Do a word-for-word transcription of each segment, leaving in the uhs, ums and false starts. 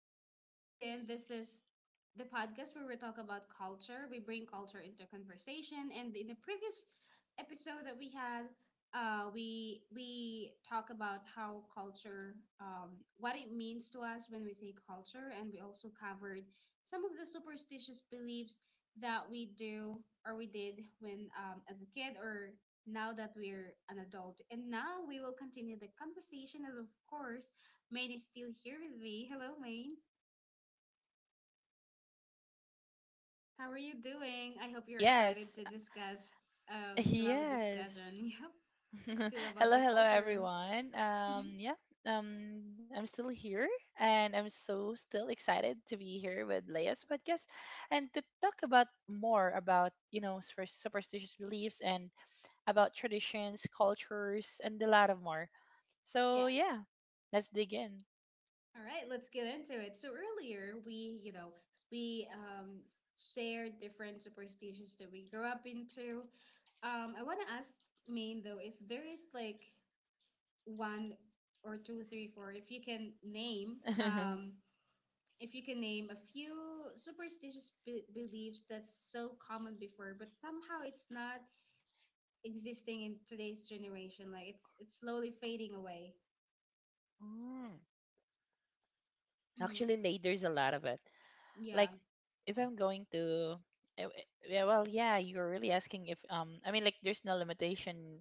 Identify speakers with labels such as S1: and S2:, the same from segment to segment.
S1: If you just tuned in, this is the podcast where we talk about culture. We bring culture into conversation, and in the previous episode that we had, uh, we we talk about how culture, um, what it means to us when we say culture, and we also covered some of the superstitious beliefs that we do or we did when um, as a kid or now that we're an adult. And now we will continue the conversation, and of course Maine is still here with me. Hello, Maine. How are you doing? I hope you're excited
S2: Yes,
S1: to discuss, um, to have a
S2: yes.
S1: discussion. Yep, still about
S2: Hello,
S1: the
S2: hello
S1: culture.
S2: everyone.
S1: Hmm.
S2: Um, yeah, um, I'm still here and I'm so still excited to be here with Leia's podcast and to talk about more about, you know, super- superstitious beliefs and about traditions, cultures, and a lot of more.
S1: Yeah.
S2: So, yeah, let's dig in.
S1: All right, let's get into it. So earlier we, you know, we um shared different superstitions that we grew up into. Um, I want to ask Maine though if there is like one or two, three, four. If you can name, um If you can name a few superstitious be- beliefs that's so common before, but somehow it's not existing in today's generation, like it's it's slowly fading away.
S2: Mm.
S1: Mm-hmm.
S2: Actually, Lei, there's a lot of it. Like
S1: Yeah,
S2: if I'm going to eh, eh, yeah, well, yeah, you're really asking if um I mean like there's no limitation.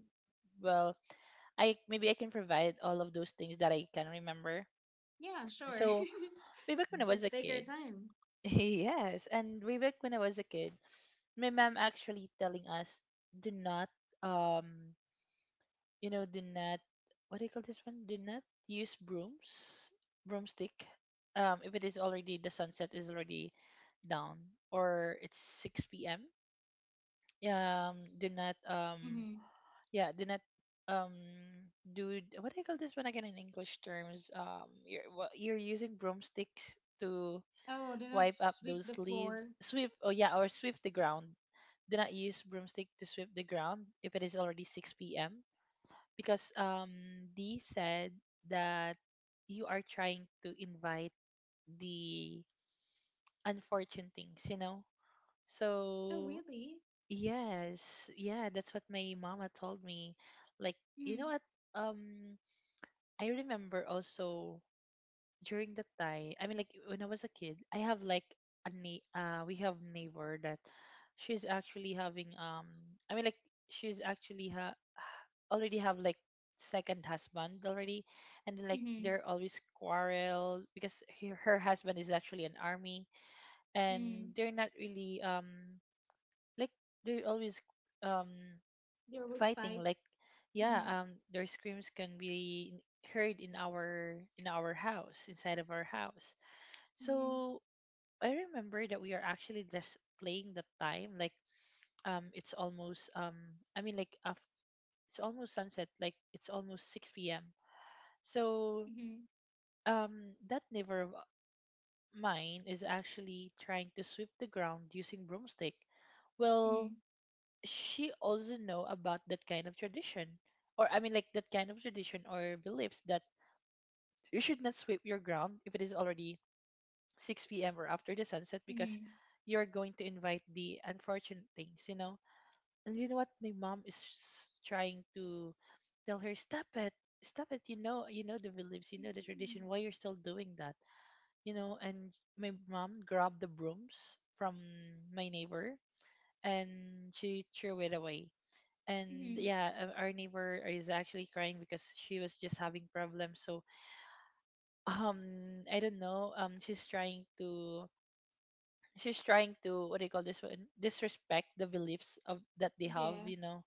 S2: Well, I maybe I can provide all of those things that I can remember.
S1: yeah, sure.
S2: So way back when I was
S1: Let's
S2: a
S1: take our
S2: kid,
S1: time.
S2: yes, and way back when I was a kid, my mom actually telling us do not um you know, do not what do you call this one? Do not use brooms, broomstick. Um, if it is already the sunset is already down or it's six p m. Um, do not
S1: Mm-hmm.
S2: um, yeah, do not um do what do you call this one again in English terms? Um, you're wha- you're using broomsticks to
S1: Oh, do not
S2: wipe up
S1: sweep the
S2: those
S1: floor.
S2: leaves. Sweep. Oh yeah, or sweep the ground. Do not use broomstick to sweep the ground if it is already six p.m because um Dee said that you are trying to invite the unfortunate things, you know?
S1: Oh,
S2: So
S1: really?
S2: yes, yeah, that's what my mama told me. Like, you know
S1: Mm.
S2: what? Um I remember also during the time, i mean like when I was a kid I have like a na- uh we have neighbor that she's actually having um i mean like she's actually ha- already have like second husband already, and then like
S1: Mm-hmm.
S2: they're always quarrel because her, her husband is actually an army and
S1: Mm.
S2: they're not really um like they're always um
S1: There was
S2: fighting.
S1: fight.
S2: Like, yeah,
S1: Mm-hmm.
S2: um, their screams can be heard in our in our house, inside of our house.
S1: Mm-hmm.
S2: So I remember that we are actually just playing the time. Like um, it's almost um, I mean like af- It's almost sunset. Like it's almost six p m. So
S1: Mm-hmm.
S2: um, that neighbor of mine is actually trying to sweep the ground using broomstick. Well, she also know about that kind of tradition, or I mean like that kind of tradition or beliefs that you should not sweep your ground if it is already six p m or after the sunset because
S1: Mm-hmm.
S2: you're going to invite the unfortunate things, you know. And you know what? My mom is s- trying to tell her, "Stop it, stop it. You know, you know the beliefs, you know the
S1: Mm-hmm.
S2: tradition. Why you're still doing that? You know." And my mom grabbed the brooms from my neighbor and she threw it away. And
S1: Mm-hmm.
S2: yeah, uh, our neighbor is actually crying because she was just having problems. So um, I don't know. Um, she's trying to she's trying to what do you call this, one disrespect the beliefs of that they have,
S1: Yeah.
S2: you know.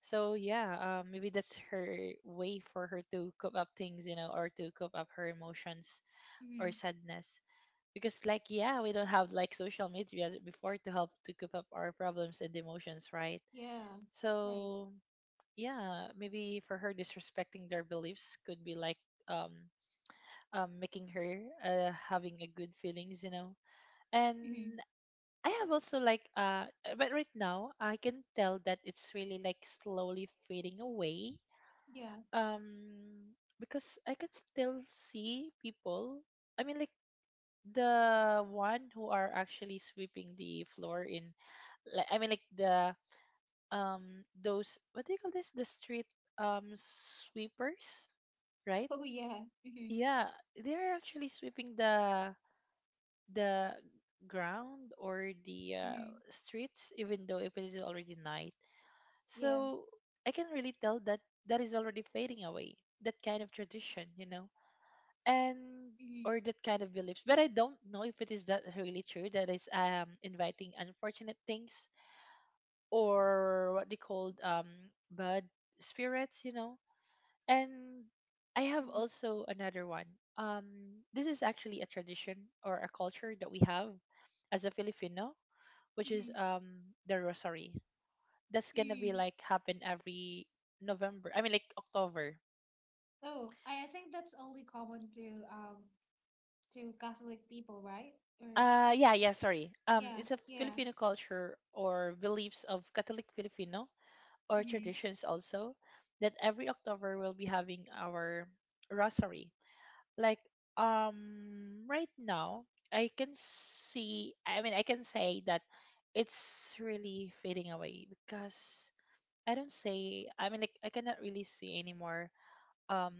S2: So yeah, uh, maybe that's her way for her to cope up things, you know, or to cope up her emotions or
S1: Mm-hmm.
S2: sadness, because like, yeah, we don't have like social media before to help to cope up our problems and emotions, right?
S1: Yeah. Right.
S2: So yeah, maybe for her disrespecting their beliefs could be like um, um making her, uh, having a good feelings, you know. And
S1: Mm-hmm.
S2: I have also like uh, but right now I can tell that it's really like slowly fading away.
S1: Yeah.
S2: Um, because I can still see people. I mean like the one who are actually sweeping the floor in, like, I mean like the um, those, what do you call this? The street um sweepers, right?
S1: Oh yeah. Hmm.
S2: Yeah, they're actually sweeping the the ground or the uh,
S1: Hmm.
S2: streets, even though if it is already night.
S1: Yeah.
S2: So I can really tell that that is already fading away. That kind of tradition, you know, and
S1: Hmm.
S2: or that kind of beliefs. But I don't know if it is that really true. That is um inviting unfortunate things or what they called um bad spirits, you know. And I
S1: Hmm.
S2: have also another one. Um, this is actually a tradition or a culture that we have as a Filipino, which
S1: Hmm.
S2: is um the rosary. That's gonna be
S1: Hmm.
S2: like happen every November. I mean like October.
S1: Oh, I, I think that's only common to um to Catholic people, right? Or
S2: Uh yeah, yeah, sorry. Um,
S1: yeah,
S2: it's a
S1: yeah.
S2: Filipino culture or beliefs of Catholic Filipino or
S1: Hmm.
S2: traditions also, that every October we'll be having our rosary. Like um right now I can see, I mean I can say that it's really fading away because I don't say, I mean like I cannot really see anymore um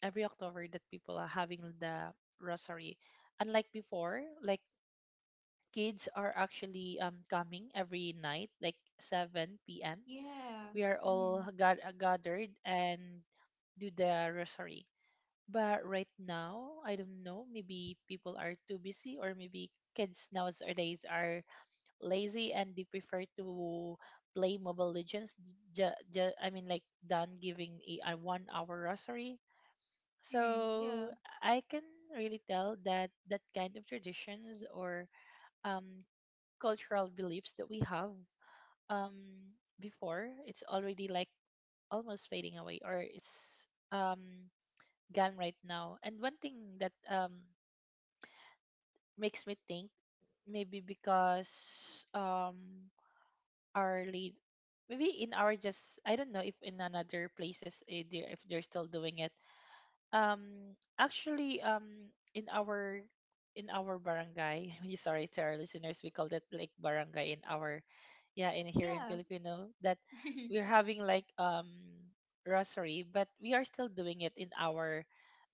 S2: every October that people are having the rosary, unlike before. Like kids are actually um coming every night like seven p m,
S1: Yeah.
S2: we are all
S1: Hmm.
S2: got- gathered and do the rosary. But right now, I don't know. Maybe people are too busy, or maybe kids nowadays are lazy and they prefer to play Mobile Legends. Ju- ju- I mean, like done giving a, a one hour rosary.
S1: Hmm. Yeah.
S2: So I can really tell that that kind of traditions or um, cultural beliefs that we have um, before, it's already like almost fading away, or it's um, gone right now. And one thing that um makes me think maybe because um our lead, maybe in our, just I don't know if in another places eh, they- if they're still doing it. Um, actually um in our in our barangay, sorry to our listeners, we call that like barangay in our, yeah, in here in
S1: Yeah.
S2: Filipino, that we're having like um rosary, but we are still doing it in our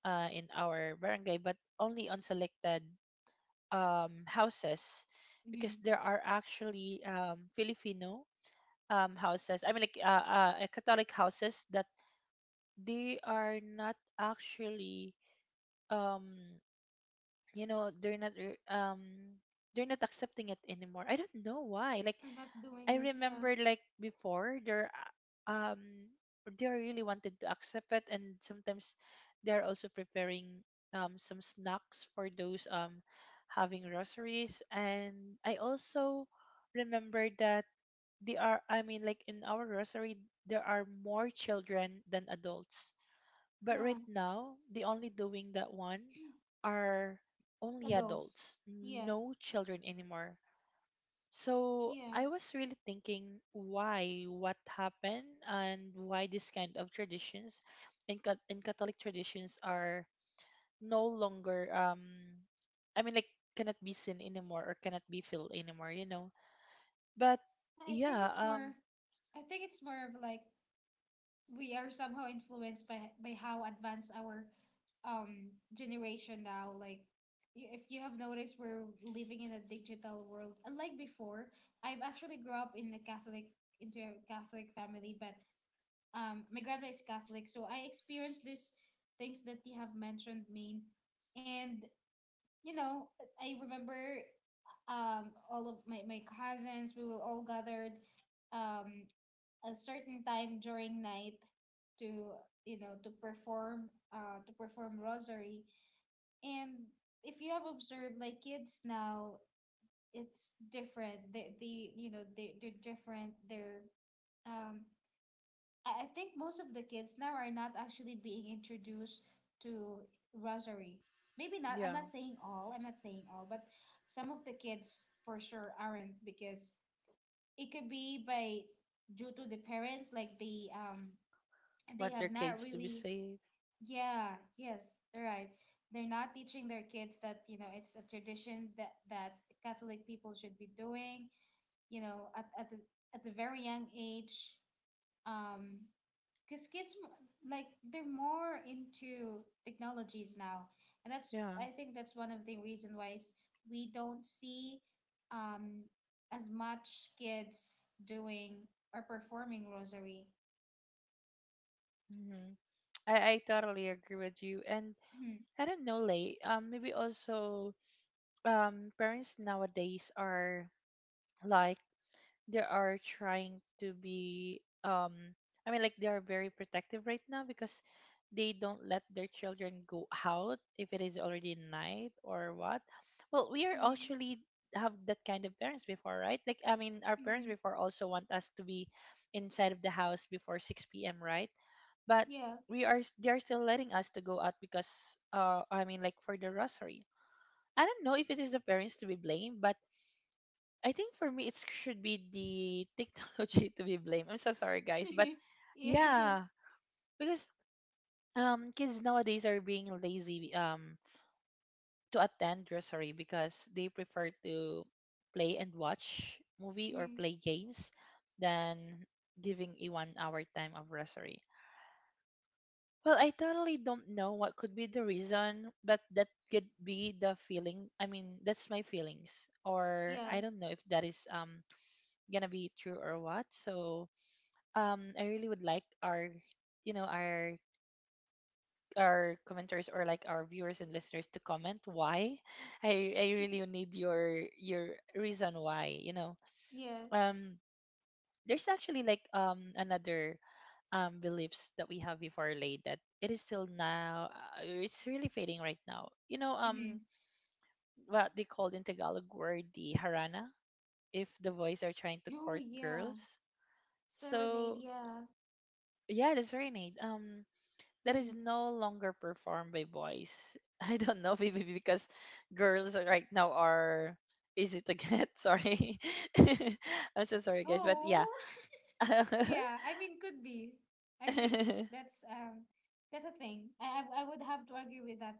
S2: uh in our barangay but only on selected um, houses, because
S1: Hmm.
S2: there are actually um, Filipino um, houses. I mean, like uh, uh, uh, Catholic houses that they are not actually, um, you know, they're not re- um, they're not accepting it anymore. I don't know why. Like
S1: We're not doing
S2: I
S1: it. Yeah.
S2: remember like before they're uh, um they really wanted to accept it, and sometimes they're also preparing um some snacks for those um having rosaries. And I also remember that they are, I mean like in our rosary there are more children than adults. But
S1: Yeah.
S2: right now the only doing that one are only
S1: Adults.
S2: adults, no
S1: Yes.
S2: children anymore. So
S1: Yeah.
S2: I was really thinking why, what happened, and why this kind of traditions and, Ca- in Catholic traditions are no longer, um, I mean, like, cannot be seen anymore or cannot be felt anymore, you know. But
S1: I think
S2: yeah,
S1: it's more
S2: um,
S1: I think it's more of like we are somehow influenced by by how advanced our um generation now. Like, y- if you have noticed, we're living in a digital world unlike before. I've actually grew up in a catholic into a Catholic family, but um my grandma is Catholic, so I experienced these things that you have mentioned, main and you know, I remember, um all of my, my cousins, we will all gathered um a certain time during night to, you know, to perform uh to perform rosary. And if you have observed, like kids now, it's different. They, they you know, they, they're different. They're um I, I think most of the kids now are not actually being introduced to rosary. Maybe not. i'm
S2: yeah,
S1: not saying all I'm not saying all, but some of the kids for sure aren't, because it could be by due to the parents, like the um they
S2: want their
S1: have not
S2: kids to be
S1: really,
S2: safe.
S1: yeah, yes, right, they're not teaching their kids that, you know, it's a tradition that that Catholic people should be doing, you know, at, at the at the very young age, um because kids m- like they're more into technologies now. And that's,
S2: Yeah.
S1: I think, that's one of the reason why it's, we don't see um as much kids doing or performing rosary.
S2: Hmm. I, I totally agree with you. And I don't know, Lay, um, maybe also um, parents nowadays are, like, they are trying to be um, I mean like they are very protective right now because they don't let their children go out if it is already night or what. Well, we are
S1: Mhm,
S2: actually have that kind of parents before, right? Like I mean our
S1: mhm,
S2: parents
S1: mhm.
S2: before also want us to be inside of the house before six p m, right? But
S1: Yeah.
S2: we are s- they are still letting us to go out because uh I mean like for the rosary. I don't know if it is the parents to be blamed, but I think for me it should be the technology to be blamed. I'm so sorry guys, but
S1: Yeah.
S2: yeah, because um kids nowadays are being lazy um to attend nursery because they prefer to play and watch movie or
S1: Mm.
S2: play games than giving a one hour time of nursery. Well, I totally don't know what could be the reason, but that could be the feeling. I mean, that's my feelings, or
S1: Yeah.
S2: I don't know if that is um gonna be true or what. So um I really would like our, you know, our our commenters or like our viewers and listeners to comment why. I I really need your your reason why, you know.
S1: Yeah.
S2: Um, there's actually like um another um beliefs that we have before, laid, that it is still now uh, it's really fading right now you know um,
S1: Mm-hmm.
S2: what they called in Tagalog word, the harana, if the boys are trying to
S1: Oh,
S2: court
S1: yeah.
S2: girls.
S1: Serenade.
S2: So
S1: Yeah.
S2: yeah, that's right, Nate. Um, that
S1: Mm.
S2: is no longer performed by boys. I don't know, maybe because girls are- right now are easy to get. Sorry, I'm so sorry, guys, but yeah.
S1: Oh, yeah. I mean, could be. I think that's, um, that's a thing. I I, I would have to agree with that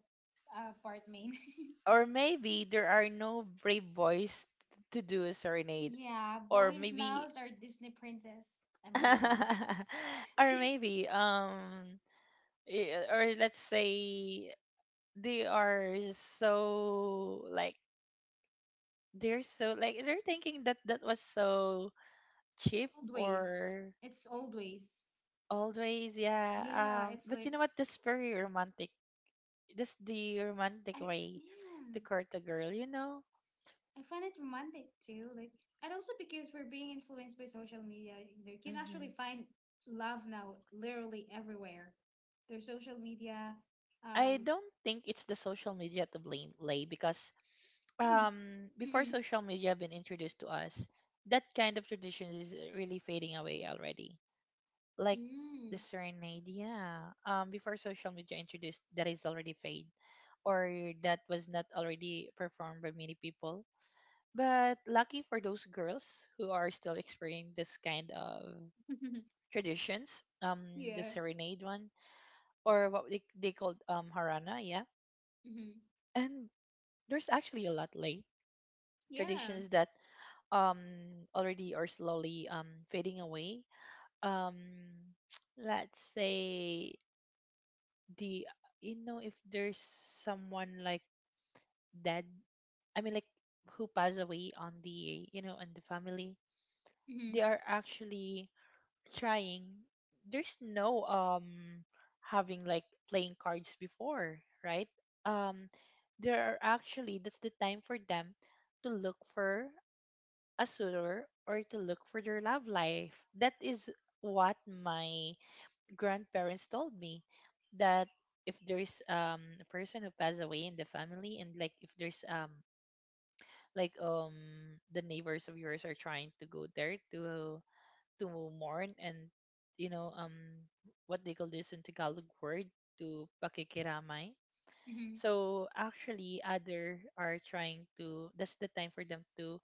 S1: uh part, main.
S2: Or maybe there are no brave boys to do a serenade,
S1: Yeah.
S2: or
S1: Boys
S2: maybe,
S1: nows are Disney princess. I'm kidding.
S2: or maybe um, eh, or let's say they are so like they're so like they're thinking that that was so cheap
S1: Old ways.
S2: or
S1: It's old ways.
S2: always, yeah.
S1: Yeah.
S2: Um
S1: It's
S2: but you
S1: like
S2: know what, that's very romantic. That's the romantic
S1: I.
S2: way to
S1: Yeah.
S2: court a girl, you know
S1: I find it romantic too, like, and also because we're being influenced by social media, you can
S2: hmm
S1: actually find love now literally everywhere. There's social media,
S2: I
S1: um,
S2: don't think it's the social media to blame, Lay, because um before
S1: mm,
S2: social media been introduced to us, that kind of tradition is really fading away already, like the
S1: mm,
S2: serenade, yeah. Um before social media introduced, that is already fade, or that was not already performed by many people. But lucky for those girls who are still experiencing this kind of traditions, um, the
S1: yeah,
S2: serenade one, or what they, they called um harana, yeah.
S1: mm,
S2: And there's actually a lot late
S1: yeah,
S2: traditions that um already are slowly um fading away. Um, let's say the, you know, if there's someone like dead, I mean like who passed away on the, you know, on the family, they
S1: mm,
S2: are actually trying. There's no um having like playing cards before, right? um there are actually, that's the time for them to look for a suitor or to look for their love life. That is what my grandparents told me, that if there's um a person who passed away in the family, and like if there's um like um the neighbors of yours are trying to go there to to mourn and, you know, um what they call this in Tagalog word, to pakikiramay.
S1: mm,
S2: So actually, other are trying to. That's the time for them to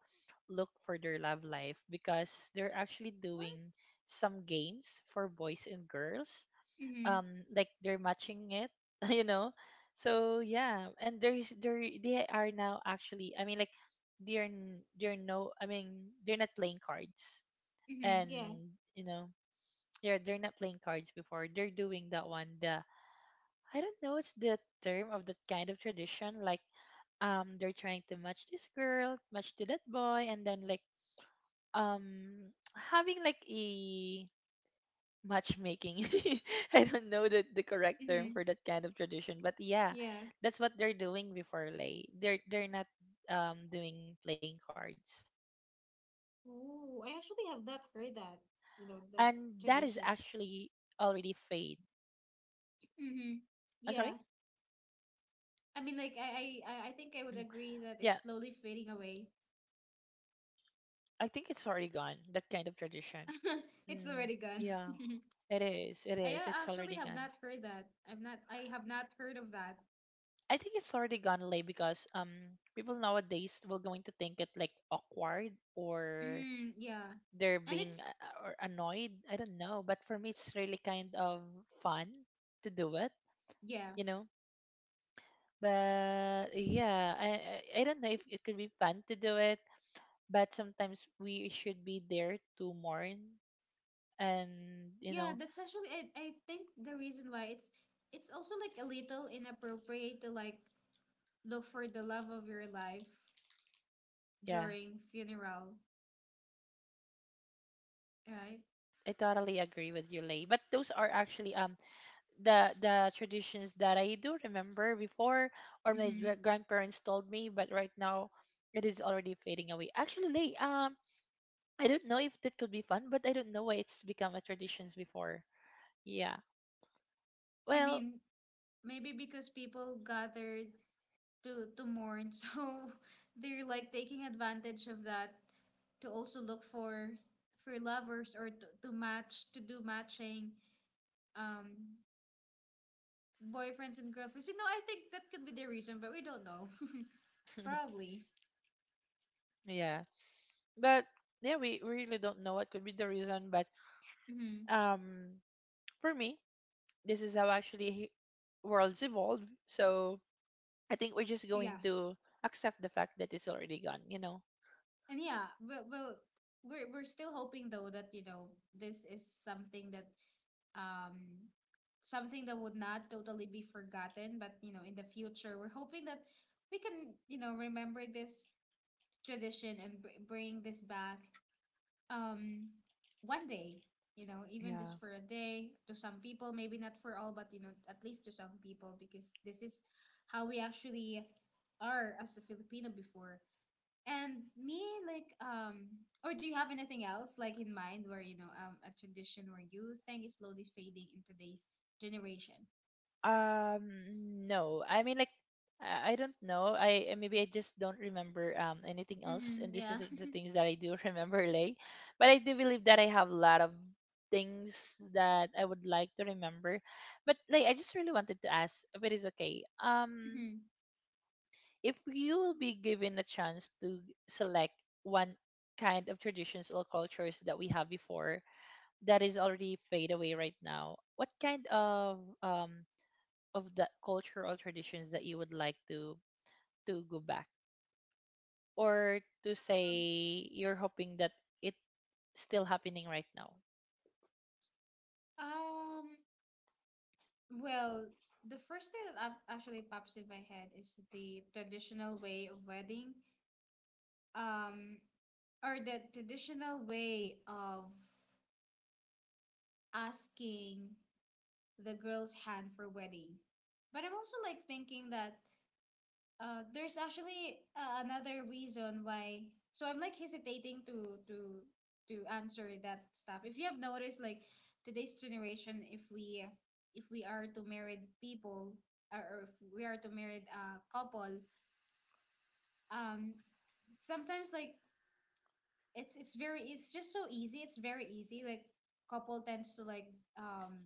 S2: look for their love life, because they're actually
S1: what?
S2: doing some games for boys and girls.
S1: Mm,
S2: Um, like they're matching it, you know. So yeah, and there's there they are now actually. I mean, like they're n- they're no. I mean, they're not playing cards,
S1: mm,
S2: and
S1: yeah,
S2: you know, yeah, they're not playing cards before. They're doing that one. The, I don't know. It's the term of that kind of tradition. Like um, they're trying to match this girl, match to that boy, and then like, um, having like a matchmaking. I don't know the the correct term
S1: mm,
S2: for that kind of tradition, but yeah,
S1: yeah.
S2: that's what they're doing before, lay. They're they're not um doing playing cards, and that is
S1: Ooh, I
S2: actually
S1: actually have not heard
S2: already
S1: that,
S2: fade.
S1: you know, that tradition.
S2: I'm sorry.
S1: Mm-hmm. Yeah. I
S2: Mhm.
S1: mean, like, I, I,
S2: Yeah,
S1: I I think I would agree that it's slowly fading away.
S2: I think it's already gone, that kind of tradition.
S1: It's
S2: Mm,
S1: already gone.
S2: yeah, it is. It
S1: I
S2: is.
S1: a-
S2: It's
S1: actually
S2: already
S1: have
S2: gone.
S1: not heard that. I've not I have not heard of that.
S2: I think it's already gone, Lay, because um people nowadays will going to think it like awkward, or
S1: Mm, yeah.
S2: they're
S1: And
S2: being
S1: it's
S2: uh, uh, or annoyed. I don't know, but for me it's really kind of fun to do it,
S1: yeah.
S2: you know. But yeah, I I I don't know if it could be fun to do it, but sometimes we should be there to mourn and, you
S1: Yeah,
S2: know,
S1: that's actually, I, I think the reason why it's it's also like a little inappropriate to like look for the love of your life
S2: yeah,
S1: during funeral, right?
S2: I totally agree with you, Lay. But those are actually um the the traditions that I do remember before, or my gra-
S1: Mm-hmm.
S2: grandparents told me. But right now, it is already fading away. Actually, Lay, um, I don't know if that could be fun, but I don't know why it's become a traditions before. Yeah.
S1: I
S2: Well,
S1: mean, maybe because people gathered to to mourn, so they're like taking advantage of that to also look for for lovers, or to, to match to do matching um boyfriends and girlfriends. You know, I think that could be the reason, but we don't know. Probably.
S2: yeah. But yeah, we we really don't know what could be the reason. But
S1: Hmm.
S2: um, for me, this is how actually he- worlds evolve. So I think we're just
S1: Yeah.
S2: going to accept the fact that it's already gone, you know?
S1: And yeah, we'll we'll we're we're still hoping though that, you know, this is something that um something that would not totally be forgotten. But you know, in the future, we're hoping that we can, you know, remember this tradition and br bring this back um one day, you know, even
S2: Yeah.
S1: just for a day, to some people, maybe not for all, but you know, at least to some people, because this is how we actually are as a Filipino before. And me, like, um, or do you have anything else like in mind where, you know, um a tradition or you think is slowly fading in today's generation?
S2: Um, no. I mean, like, I I don't know. I, uh, maybe I just don't remember um anything else,
S1: Mm-hmm,
S2: and this
S1: yeah.
S2: is the things that I do remember, lay. But I do believe that I have a lot of things that I would like to remember. But like, I just really wanted to ask, if it's okay. Um,
S1: Mm-hmm.
S2: if you will be given a chance to select one kind of traditions or cultures that we have before, that is already fade away right now, what kind of um of the culture or traditions that you would like to to go back, or to say
S1: Um,
S2: you're hoping that it's still happening right now?
S1: um, well, the first thing that up- actually pops in my head is the traditional way of wedding, um, or the traditional way of asking the girl's hand for wedding. But I'm also like thinking that — Uh, there's actually, uh, another reason why. So I'm like hesitating to to to answer that stuff. If you have noticed, like today's generation, if we if we are to married people, or, or if we are to married a couple, um, sometimes like it's it's very it's just so easy. It's very easy Like couple tends to like um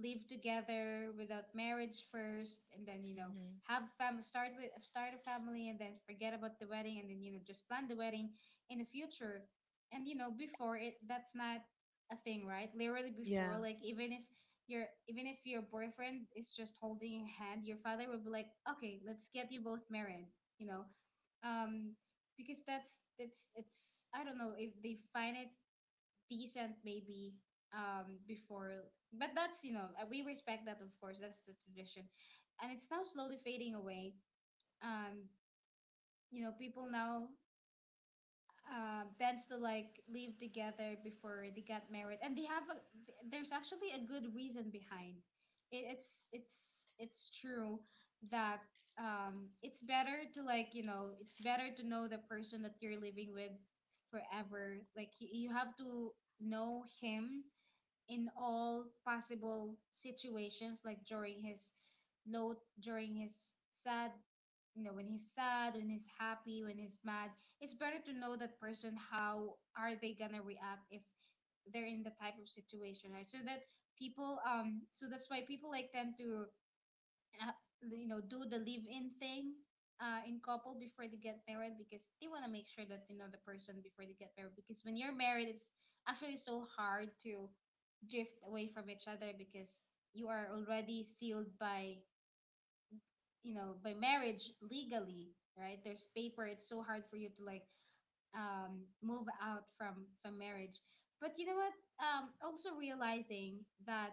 S1: live together without marriage first, and then you know,
S2: Hmm.
S1: have fam start with start a family, and then forget about the wedding, and then you know, just plan the wedding in the future. And you know, before, it — that's not a thing, right? Literally before,
S2: Yeah.
S1: like, even if your even if your boyfriend is just holding your hand, your father will be like, okay, let's get you both married, you know. um because that's that's it's, I don't know, if they find it decent maybe, um before. But that's, you know, uh, we respect that, of course. That's the tradition, and it's now slowly fading away. um you know, people now, um, tends to like live together before they got married, and they have a there's actually a good reason behind. It, it's it's it's true that, um, it's better to, like, you know, it's better to know the person that you're living with forever. Like, y- you have to know him in all possible situations, like during his low, during his sad, you know, when he's sad, when he's happy, when he's mad. It's better to know that person how are they gonna react if they're in the type of situation, right? So that people, um, so that's why people like tend to, uh, you know, do the live in thing, uh, in couple, before they get married, because they want to make sure that you know the person before they get married, because when you're married, it's actually so hard to drift away from each other, because you are already sealed by, you know, by marriage legally. Right? There's paper. It's so hard for you to like, um move out from from marriage. But you know what, um also realizing that,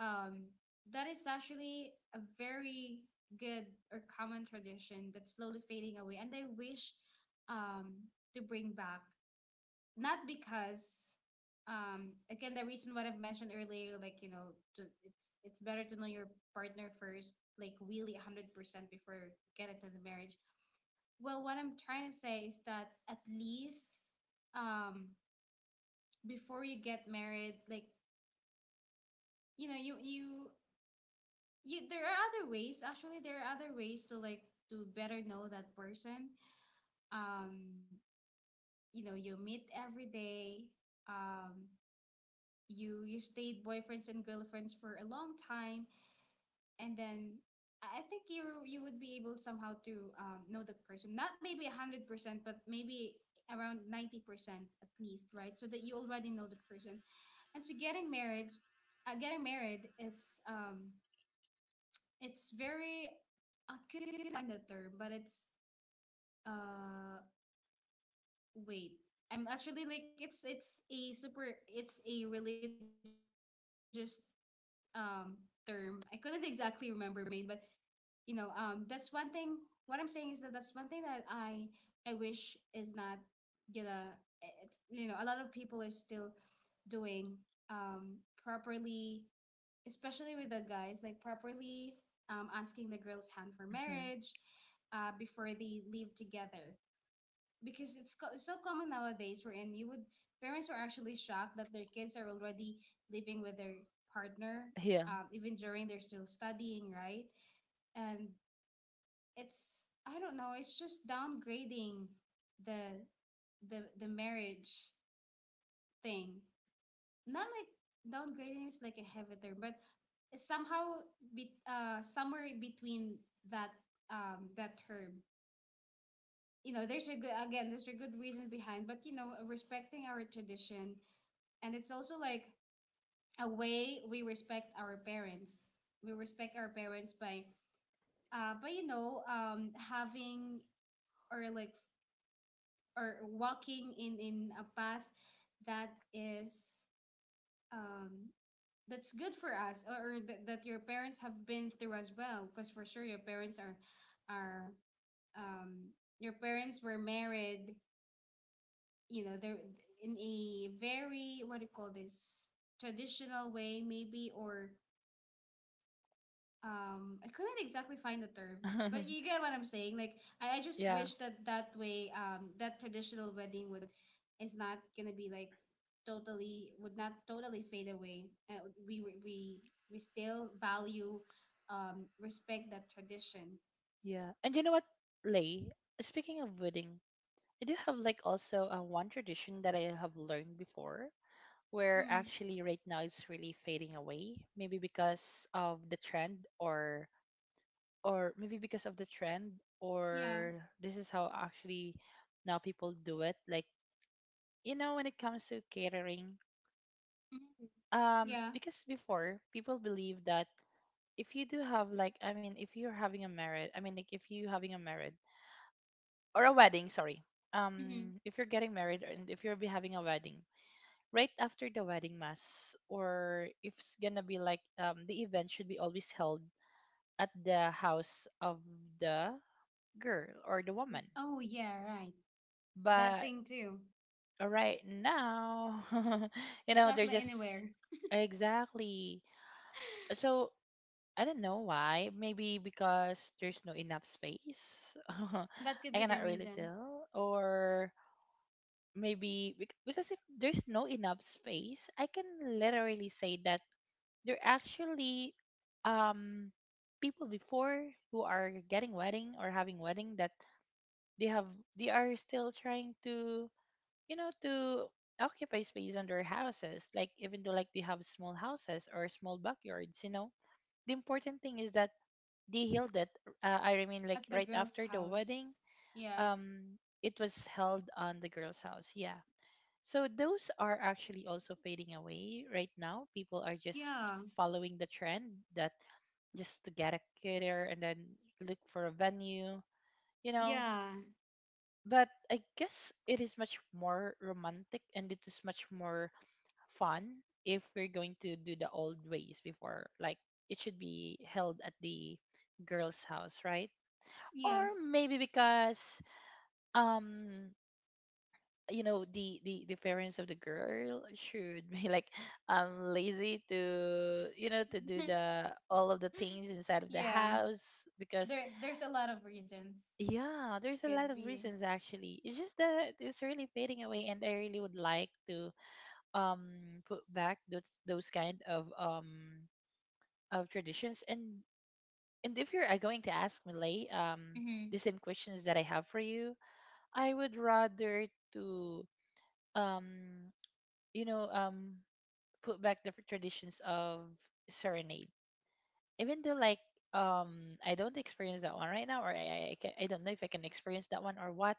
S1: um, that is actually a very good or common tradition that's slowly fading away, and I wish, um, to bring back. Not because, um, again, the reason what I've mentioned earlier, like, you know, to — it's it's better to know your partner first, like really a hundred percent before you get into the marriage. Well, what I'm trying to say is that at least, um before you get married, like, you know, you you you — there are other ways, actually, there are other ways to like to better know that person. um you know, you meet every day, um you you stayed boyfriends and girlfriends for a long time, and then i I think you you would be able somehow to, um, know that person, not maybe one hundred percent, but maybe around ninety percent at least. Right? So that you already know the person. And so getting married uh, getting married is, um it's very — I couldn't find the term, but it's, uh wait. I'm actually like it's it's a super it's a religious um term. I couldn't exactly remember, main, but you know, um that's one thing. What I'm saying is that that's one thing that I I wish is not gonna — it, you know, a lot of people are still doing um properly, especially with the guys, like properly, um, asking the girl's hand for
S2: Hmm.
S1: marriage, uh, before they leave together. Because it's, co- it's so common nowadays wherein you would parents are actually shocked that their kids are already living with their partner,
S2: Yeah.
S1: um, even during they're still studying, right? And it's I don't know, it's just downgrading the the the marriage thing. Not like, downgrading is like a heavy term, but somehow be, uh somewhere between that um that term. You know, there's a good again, there's a good reason behind, but you know, respecting our tradition, and it's also like a way we respect our parents. We respect our parents by uh by you know um having or like or walking in in a path that is um that's good for us, or or that that your parents have been through as well, because for sure your parents are are um your parents were married. You know, they're in a very, what do you call this, traditional way, maybe, or um I couldn't exactly find the term, but you get what I'm saying. Like I, I just
S2: Yeah.
S1: wish that that way um that traditional wedding would is not gonna be like totally, would not totally fade away. Uh, we we we we still value, um respect that tradition.
S2: Yeah. And you know what, Lay? Speaking of wedding, I do have like also, uh, one tradition that I have learned before, where
S1: Hmm.
S2: actually right now it's really fading away, maybe because of the trend, or or maybe because of the trend
S1: Yeah.
S2: or this is how actually now people do it, like, you know, when it comes to catering,
S1: Mhm.
S2: um
S1: Yeah.
S2: because before people believe that if you do have like, I mean if you're having a marriage I mean like if you having a marriage or a wedding, sorry,
S1: Hmm.
S2: um if you're getting married, and if you are be having a wedding right after the wedding mass, or if it's gonna be like, um the event should be always held at the house of the girl or the woman.
S1: Oh, yeah. Right. That
S2: But
S1: thing too.
S2: right now, you
S1: A
S2: know, they're
S1: chocolate
S2: just
S1: anywhere.
S2: exactly. So I don't know why, maybe because there's no enough space. I
S1: That could be the
S2: cannot really
S1: reason.
S2: tell, or maybe bec- because if there's no enough space, I can literally say that they're actually, um people before who are getting wedding or having wedding, that they have, they are still trying to, you know, to occupy space on their houses, like even though like they have small houses or small backyards, you know. The important thing is that they held it. Uh, I mean, like
S1: At the
S2: right
S1: girl's
S2: after the
S1: house.
S2: wedding,
S1: Yeah.
S2: um, it was held on the girl's house. Yeah. So those are actually also fading away right now. People are just
S1: Yeah.
S2: following the trend that, just to get a caterer and then look for a venue, you know.
S1: Yeah.
S2: But I guess it is much more romantic, and it is much more fun if we're going to do the old ways before. Like, it should be held at the girl's house, right? Or
S1: Yes.
S2: maybe because um you know the, the the parents of the girl should be like um lazy to, you know, to do the all of the things inside of the
S1: Yeah.
S2: house, because
S1: There there's a lot of reasons.
S2: yeah, there's a lot
S1: Could
S2: of
S1: be.
S2: reasons. Actually, it's just that it's really fading away, and I really would like to um put back those those kind of um of traditions. and and if you're, uh, going to ask me, Lay, um
S1: Mm-hmm.
S2: the same questions that I have for you, I would rather to um you know, um put back the traditions of serenade. Even though like, um I don't experience that one right now, or I I, I ca- I don't know if I can experience that one or what,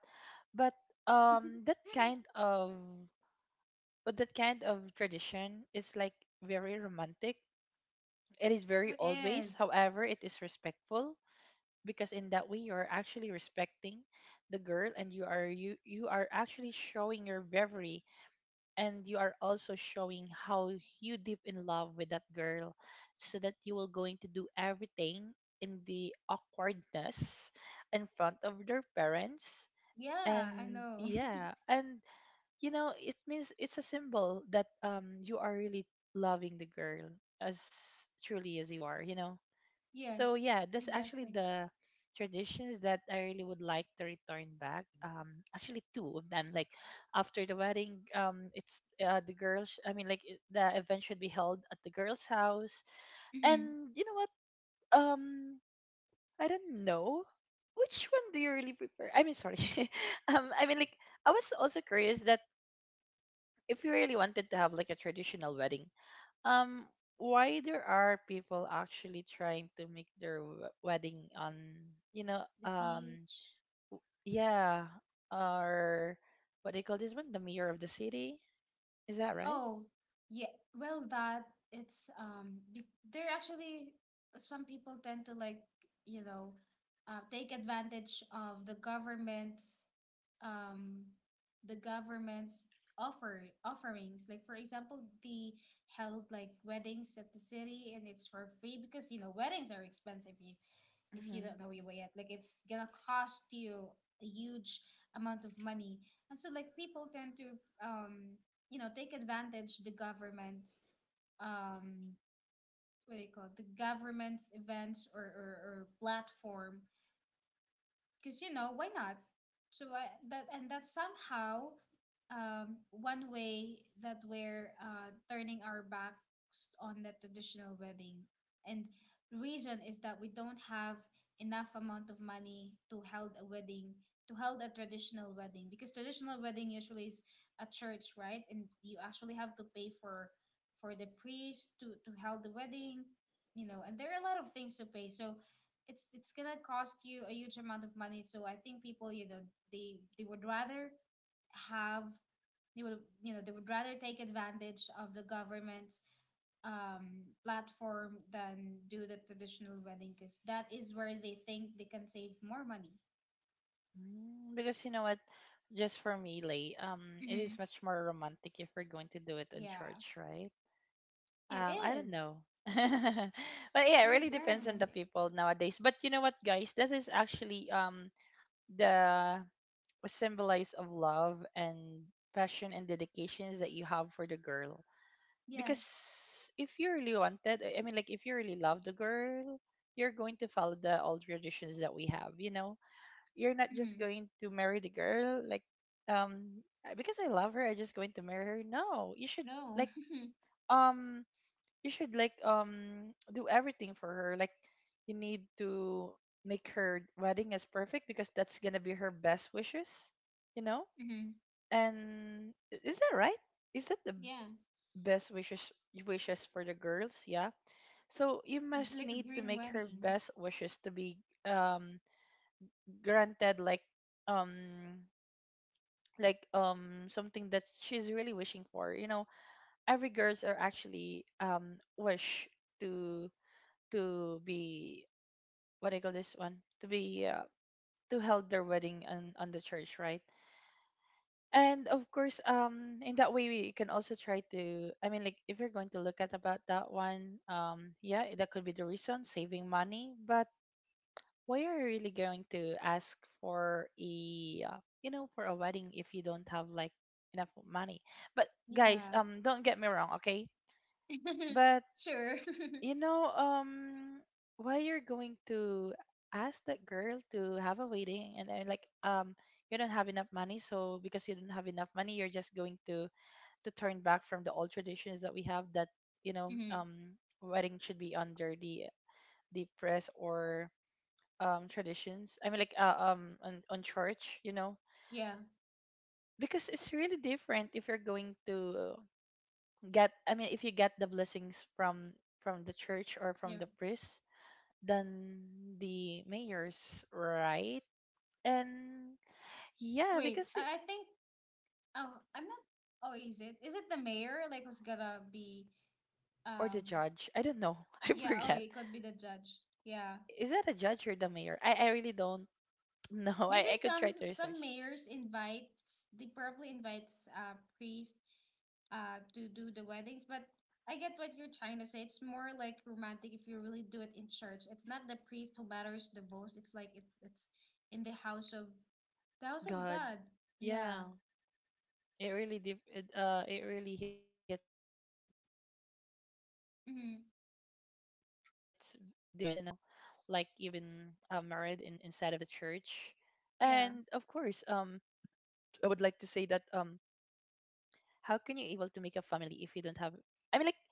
S2: but um that kind of but that kind of tradition is like very romantic. It is very
S1: It
S2: old ways.
S1: is.
S2: However, it is respectful, because in that way you are actually respecting the girl, and you are, you you are actually showing your bravery, and you are also showing how you deep in love with that girl, so that you will going to do everything in the awkwardness in front of their parents,
S1: Yeah, I
S2: and
S1: know.
S2: yeah, and you know, it means it's a symbol that um you are really loving the girl as truly as you are, you know.
S1: Yes,
S2: So yeah, that's actually
S1: exactly.
S2: the traditions that I really would like to return back. Um, actually two of them. Like, after the wedding, um, it's, uh, the girls. I mean, like it- the event should be held at the girl's house.
S1: Mm-hmm.
S2: And you know what? Um, I don't know. Which one do you really prefer? I mean, sorry. um, I mean, like, I was also curious that, if you really wanted to have like a traditional wedding, um why there are people actually trying to make their w- wedding on, you know,
S1: The
S2: um
S1: beach.
S2: yeah, or what do you call this one, the mayor of the city, is that right?
S1: Oh, yeah. Well, that, it's um, be there actually some people tend to like, you know, uh, take advantage of the government's um, the government's offer offerings. Like for example, they held like weddings at the city, and it's for free, because you know weddings are expensive. You, if you
S2: Mm-hmm.
S1: don't know your way yet, like it's gonna cost you a huge amount of money. And so, like, people tend to um you know take advantage the government's um what do you call it, the government's events, or, or, or platform, because you know, why not? So I, that, and that's somehow um, one way that we're, uh, turning our backs on the traditional wedding. And reason is that we don't have enough amount of money to held a wedding to held a traditional wedding, because traditional wedding usually is a church, right? And you actually have to pay for for the priest to to held the wedding, you know, and there are a lot of things to pay. So it's it's gonna cost you a huge amount of money. So I think people, you know, they they would rather have, they would you know they would rather take advantage of the government's um, platform than do the traditional wedding, because that is where they think they can save more money.
S2: Mm, because you know what, just for me, lay, um it
S1: Mm-hmm.
S2: is much more romantic if we're going to do it in
S1: Yeah,
S2: church, right?
S1: it
S2: um I
S1: is.
S2: don't know, but yeah,
S1: It
S2: it
S1: is
S2: really
S1: very
S2: depends on the
S1: romantic.
S2: people nowadays. But you know what, guys, that is actually um the symbolize of love and passion and dedications that you have for the girl. Because
S1: Yes.
S2: if you really wanted, I I mean, like, if you really love the girl, you're going to follow the old traditions that we have. You know, you're not just
S1: Mm-hmm.
S2: going to marry the girl like, um, "Uh, because I love her, I just going to marry her." No, you should
S1: No.
S2: like, um, you should like, um, do everything for her. Like, you need to make her wedding as perfect, because that's gonna be her best wishes. You know,
S1: Mm-hmm.
S2: and i- is that right? Is that the
S1: Yeah,
S2: best wishes, wishes for the girls? Yeah. So you must
S1: like a
S2: need to
S1: dream
S2: make her
S1: wedding.
S2: best wishes to be um granted, like, um like um something that she's really wishing for. You know, every girls are actually um wish to to be, what do you call this one? To be, uh, to held their wedding on on the church, right? And of course, um in that way we can also try to, I mean, like, if you're going to look at about that one, um yeah, that could be the reason, saving money. But why are you really going to ask for a uh, you know for a wedding if you don't have like enough money? But guys,
S1: Yeah.
S2: um don't get me wrong, okay? But
S1: Sure.
S2: you know um why you're going to ask that girl to have a wedding and then like, um you don't have enough money. So because you don't have enough money, you're just going to to turn back from the old traditions that we have, that you know
S1: Mm-hmm.
S2: um wedding should be under the the press or um traditions, I mean, like, uh, um on, on church, you know.
S1: Yeah.
S2: Because it's really different if you're going to get, I mean, if you get the blessings from from the church or
S1: Yeah.
S2: from the priest than the mayors, right? And yeah,
S1: Wait,
S2: because
S1: I,
S2: it,
S1: I think oh I'm not oh is it? Is it the mayor like who's gonna be,
S2: or the
S1: um
S2: judge, I don't know. I
S1: yeah, oh,
S2: forget.
S1: it could be the judge. Yeah.
S2: Is that a judge or the mayor? i, I really don't. No,
S1: Maybe
S2: I, I could
S1: some
S2: try to
S1: some
S2: research.
S1: mayors invites, they probably invites uh priest uh to do the weddings. But I get what you're trying to say. It's more like romantic if you really do it in church. It's not the priest who matters the most. It's like it's it's in the house of, the house of
S2: God,
S1: God.
S2: yeah,
S1: Yeah.
S2: it really dif- it, uh it really hits difference, you know, like
S1: Mm-hmm.
S2: even uh, married in inside of the church, and of course, um, I
S1: Yeah.
S2: would like to say that, um, how can you able to make a family if you don't have? I mean, like,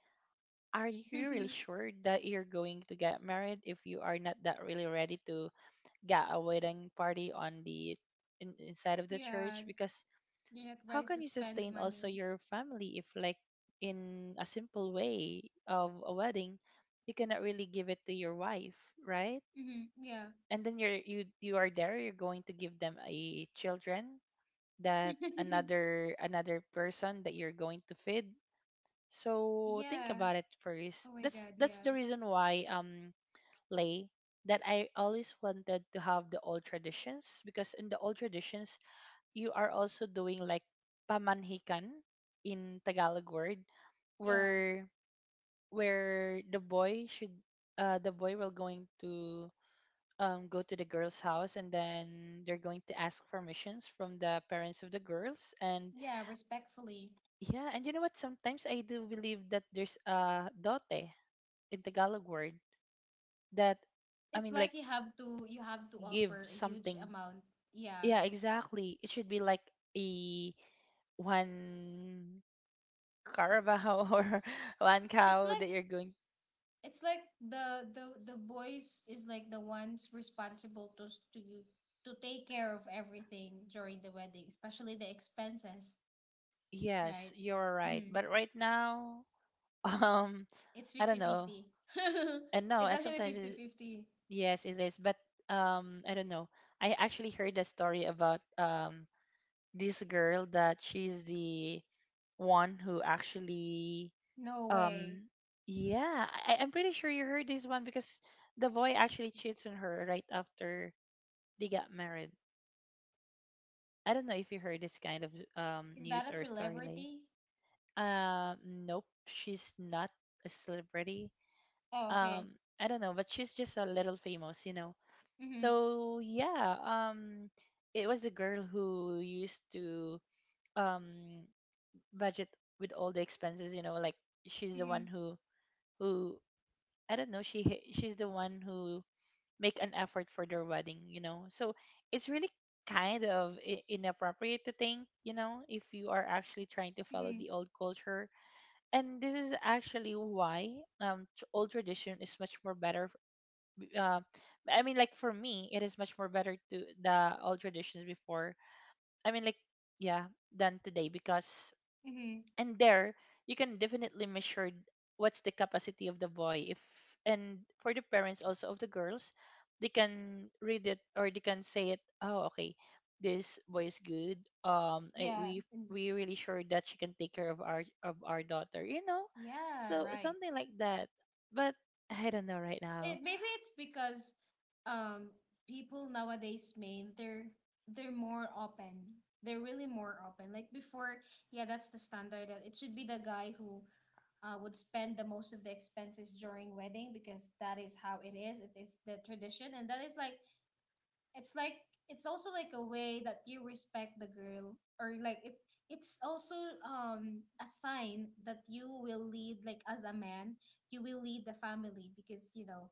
S2: are you really sure that you're going to get married if you are not that really ready to get a wedding party on the in, inside of the
S1: Yeah,
S2: church? Because
S1: you're not
S2: how
S1: ready
S2: can
S1: to
S2: you
S1: spend
S2: sustain also
S1: money.
S2: your family if, like, in a simple way of a wedding you cannot really give it to your wife, right?
S1: Hmm. Yeah.
S2: And then you're you you are there, you're going to give them a children, that another another person that you're going to feed. So think
S1: Yeah.
S2: about it
S1: Oh
S2: first.
S1: my
S2: that's
S1: God.
S2: that's
S1: Yeah.
S2: the reason why, um Lay, that I always wanted to have the old traditions, because in the old traditions you are also doing like pamanhikan in Tagalog word,
S1: Yeah.
S2: where where the boy should, uh the boy will going to um go to the girl's house, and then they're going to ask permissions from the parents of the girls. And
S1: Yeah. Respectfully.
S2: yeah, and you know what, sometimes I do believe that there's a dote in Tagalog word that, I
S1: It's
S2: mean,
S1: like
S2: like,
S1: you have to, you have to
S2: give
S1: offer a huge
S2: something.
S1: amount. Yeah.
S2: Yeah, exactly, it should be like a one Carabao or one
S1: It's
S2: cow
S1: like
S2: that you're going.
S1: it's like the the the boys is like the ones responsible to s- to you to take care of everything during the wedding, especially the expenses,
S2: Yes,
S1: right?
S2: you're right.
S1: Mm-hmm.
S2: But right now, um,
S1: It's
S2: I
S1: fifty
S2: don't know.
S1: fifty.
S2: And no,
S1: It's
S2: I
S1: actually
S2: sometimes
S1: fifty
S2: is
S1: fifty.
S2: yes, it is. But um, I don't know. I actually heard a story about um this girl that she's the one who actually,
S1: No way.
S2: um yeah, I, I'm pretty sure you heard this one, because the boy actually cheats on her right after they got married. I don't know if you heard this kind of um
S1: Is that
S2: news
S1: a
S2: or story, Lay.
S1: celebrity?
S2: Uh, nope, she's not a celebrity.
S1: Oh, okay.
S2: Um, I don't know, but she's just a little famous, you know.
S1: Mhm.
S2: So yeah, um, it was the girl who used to um budget with all the expenses, you know, like, she's the one
S1: Mhm.
S2: who who I don't know, she h- she's the one who make an effort for their wedding, you know. So it's really kind of i- inappropriate to think, you know, if you are actually trying to
S1: Mhm.
S2: follow the old culture. And this is actually why, um tr- old tradition is much more better, uh, I mean, like, for me it is much more better to the old traditions before, I mean, like, yeah, than today. Because
S1: Mhm.
S2: and there you can definitely measure what's the capacity of the boy if, and for the parents also of the girls, they can read it or they can say it, oh, okay, this boy is good, um I,
S1: Yeah,
S2: we
S1: and
S2: we really sure that she can take care of our of our daughter, you know.
S1: Yeah,
S2: So
S1: right.
S2: something like that. But I don't know right now.
S1: It maybe it's because um people nowadays, man, they're they're more open. They're really more open. Like before, yeah, that's the standard, that it should be the guy who, uh, would spend the most of the expenses during wedding, because that is how it is. It is the tradition, and that is like it's like it's also like a way that you respect the girl. Or like, it it's also um a sign that you will lead, like as a man you will lead the family, because you know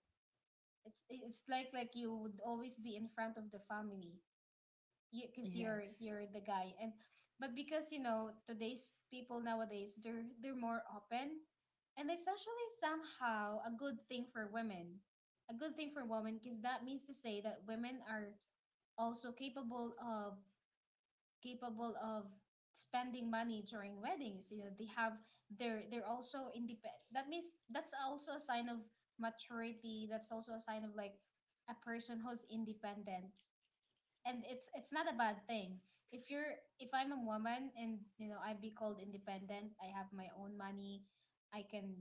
S1: it's it's like like you would always be in front of the family. You, because you're
S2: Yes.
S1: you're the guy. And but because you know today's, people nowadays, they're they're more open, and it's actually somehow a good thing for women, a good thing for women, because that means to say that women are also capable of, capable of spending money during weddings. You know, they have they're they're also independent. That means that's also a sign of maturity, that's also a sign of like a person who's independent. And it's it's not a bad thing, if you're, if I'm a woman, and you know, I'd be called independent, I have my own money, I can,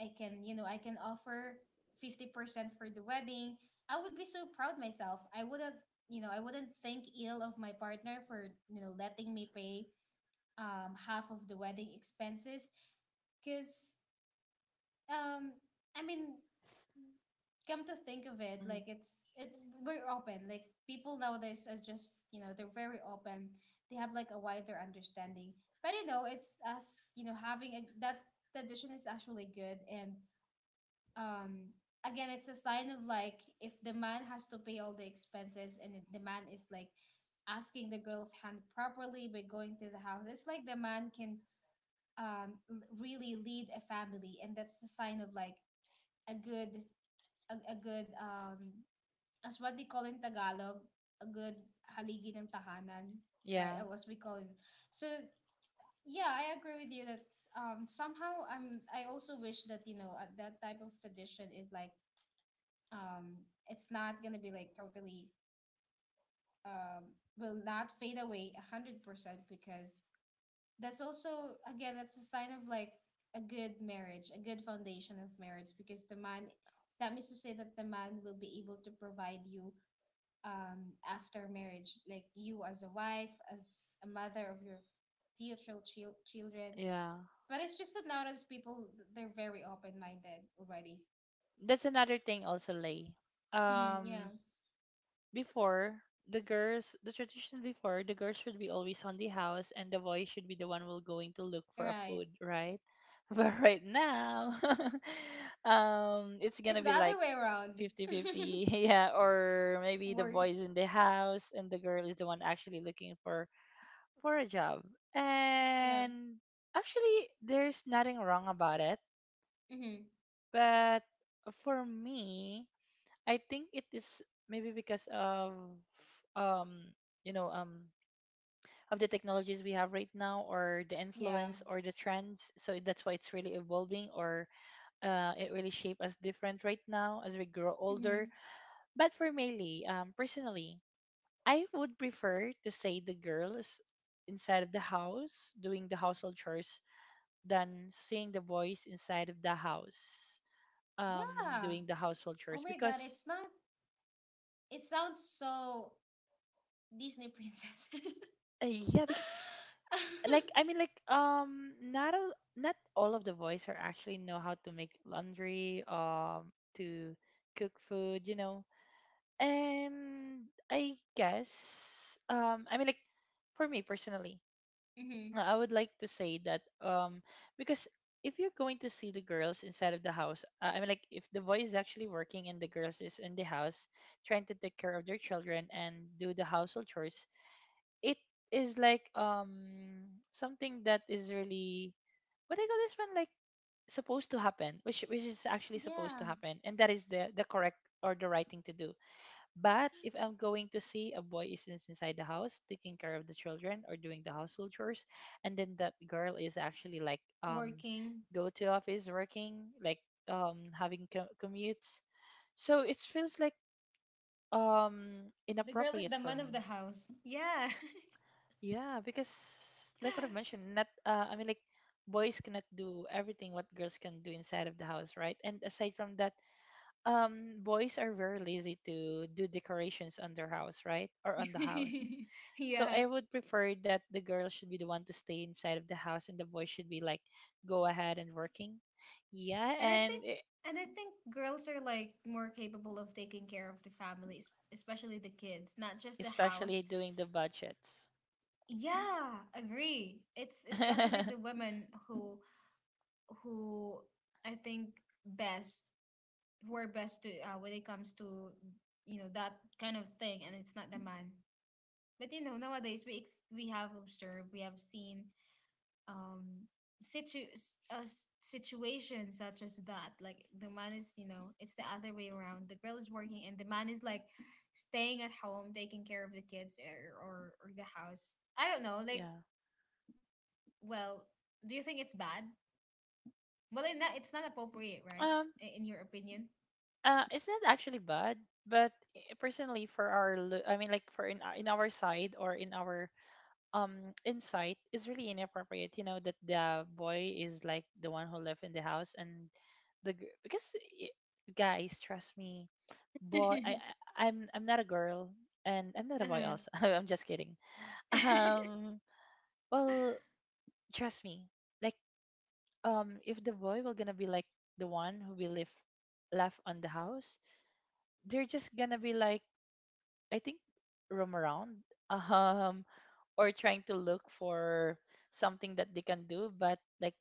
S1: I can, you know, I can offer fifty percent for the wedding. I would be so proud myself. I wouldn't, you know, I wouldn't think ill of my partner for, you know, letting me pay um half of the wedding expenses, cuz
S2: Hmm.
S1: um I mean, come to think of it, like it's it we're open. Like, people nowadays are just, you know, they're very open. They have like a wider understanding. But you know, it's us, you know, having a, that tradition is actually good. And um again it's a sign of like, if the man has to pay all the expenses, and it- the man is like asking the girl's hand properly by going to the house, it's like the man can um l- really lead a family, and that's the sign of like a good, a, a good, um as what we call in Tagalog, a good haligi ng tahanan, right,
S2: Yeah.
S1: uh, as we call it. So yeah, I agree with you that um somehow, i'm I also wish that, you know, uh, that type of tradition is like, um, it's not gonna be like totally, um, will not fade away a hundred percent, because that's also, again, that's a sign of like a good marriage, a good foundation of marriage, because the man, that means to say that the man will be able to provide you, um, after marriage, like you as a wife, as a mother of your future chil- children.
S2: Yeah,
S1: But it's just that nowadays people, they're very open minded already.
S2: that's another thing also, Lay,
S1: Hmm, yeah,
S2: um before, the girls, the tradition before, the girls should be always on the house, and the boy should be the one will going to look for a
S1: right.
S2: food, right? But right now, um, it's gonna
S1: It's the
S2: be
S1: other
S2: like
S1: way around.
S2: fifty-fifty, yeah, or maybe the boy is
S1: Worst.
S2: in the house and the girl is the one actually looking for for a job.
S1: Yeah.
S2: And actually, there's nothing wrong about it,
S1: Mm-hmm.
S2: but for me, I think it is maybe because of, um you know um of the technologies we have right now, or the
S1: Yeah.
S2: influence, or the trends, so that's why it's really evolving, or uh, it really shape us different right now as we grow older.
S1: Mm-hmm.
S2: But for Meili, um personally, I would prefer to say the girls inside of the house doing the household chores than seeing the boys inside of the house um
S1: Yeah.
S2: doing the household
S1: Oh
S2: chores.
S1: my God,
S2: Because
S1: it's not. It sounds so Disney princess.
S2: uh, yeah, because like, I mean, like, um not all not all of the boys are actually know how to make laundry, um to cook food, you know. And I guess, um I mean, like, for me personally,
S1: Mm-hmm.
S2: uh, I would like to say that, um because if you're going to see the girls inside of the house, uh, I mean, like, if the boy is actually working and the girls is in the house trying to take care of their children and do the household chores, it is like um something that is really, what do you call this one, like, supposed to happen, which which is actually supposed
S1: Yeah.
S2: to happen, and that is the the correct or the right thing to do. But if I'm going to see a boy is ins- inside the house taking care of the children or doing the household chores, and then that girl is actually like, um
S1: Working.
S2: go to office working, like, um having co- commutes, so it feels like um
S1: The girl is
S2: inappropriate
S1: the
S2: for
S1: man of the
S2: me.
S1: house. Yeah.
S2: Yeah, because, like, what I've mentioned, not uh, I mean, like, boys cannot do everything what girls can do inside of the house, right? And aside from that, um, boys are very lazy to do decorations on their house, right? Or on the house. So
S1: Yeah.
S2: I would prefer that the girl should be the one to stay inside of the house and the boy should be like, go ahead and working. Yeah,
S1: And I
S2: and
S1: think
S2: e-
S1: and I think girls are like more capable of taking care of the families, especially the kids, not just the
S2: especially
S1: house.
S2: doing the budgets.
S1: Yeah, agree. It's it's actually the women who who I think, best, who are best to, uh, when it comes to, you know, that kind of thing. And it's not the man. But you know, nowadays we ex- we have observed, we have seen um situ s- uh, s- situations such as that, like the man is, you know, it's the other way around, the girl is working, and the man is like staying at home, taking care of the kids, or or, or the house, I don't know. Like,
S2: Yeah.
S1: well, do you think it's bad? Well, in that, it's not appropriate, right?
S2: Um,
S1: I- in your opinion.
S2: Uh, it's not actually bad, but eh, personally, for our, lo- I mean, like, for in our- in our side or in our um insight, it's really inappropriate. You know that the boy is like the one who left in the house, and the g- because, eh, guys, trust me, boy, I
S1: Uh-huh.
S2: I- I'm I'm not a girl, and I'm not a boy also. I'm just kidding. Um, well, trust me, like, um, if the boy will gonna be like the one who will live left on the house, they're just gonna be like, I think, roam around um or trying to look for something that they can do but like,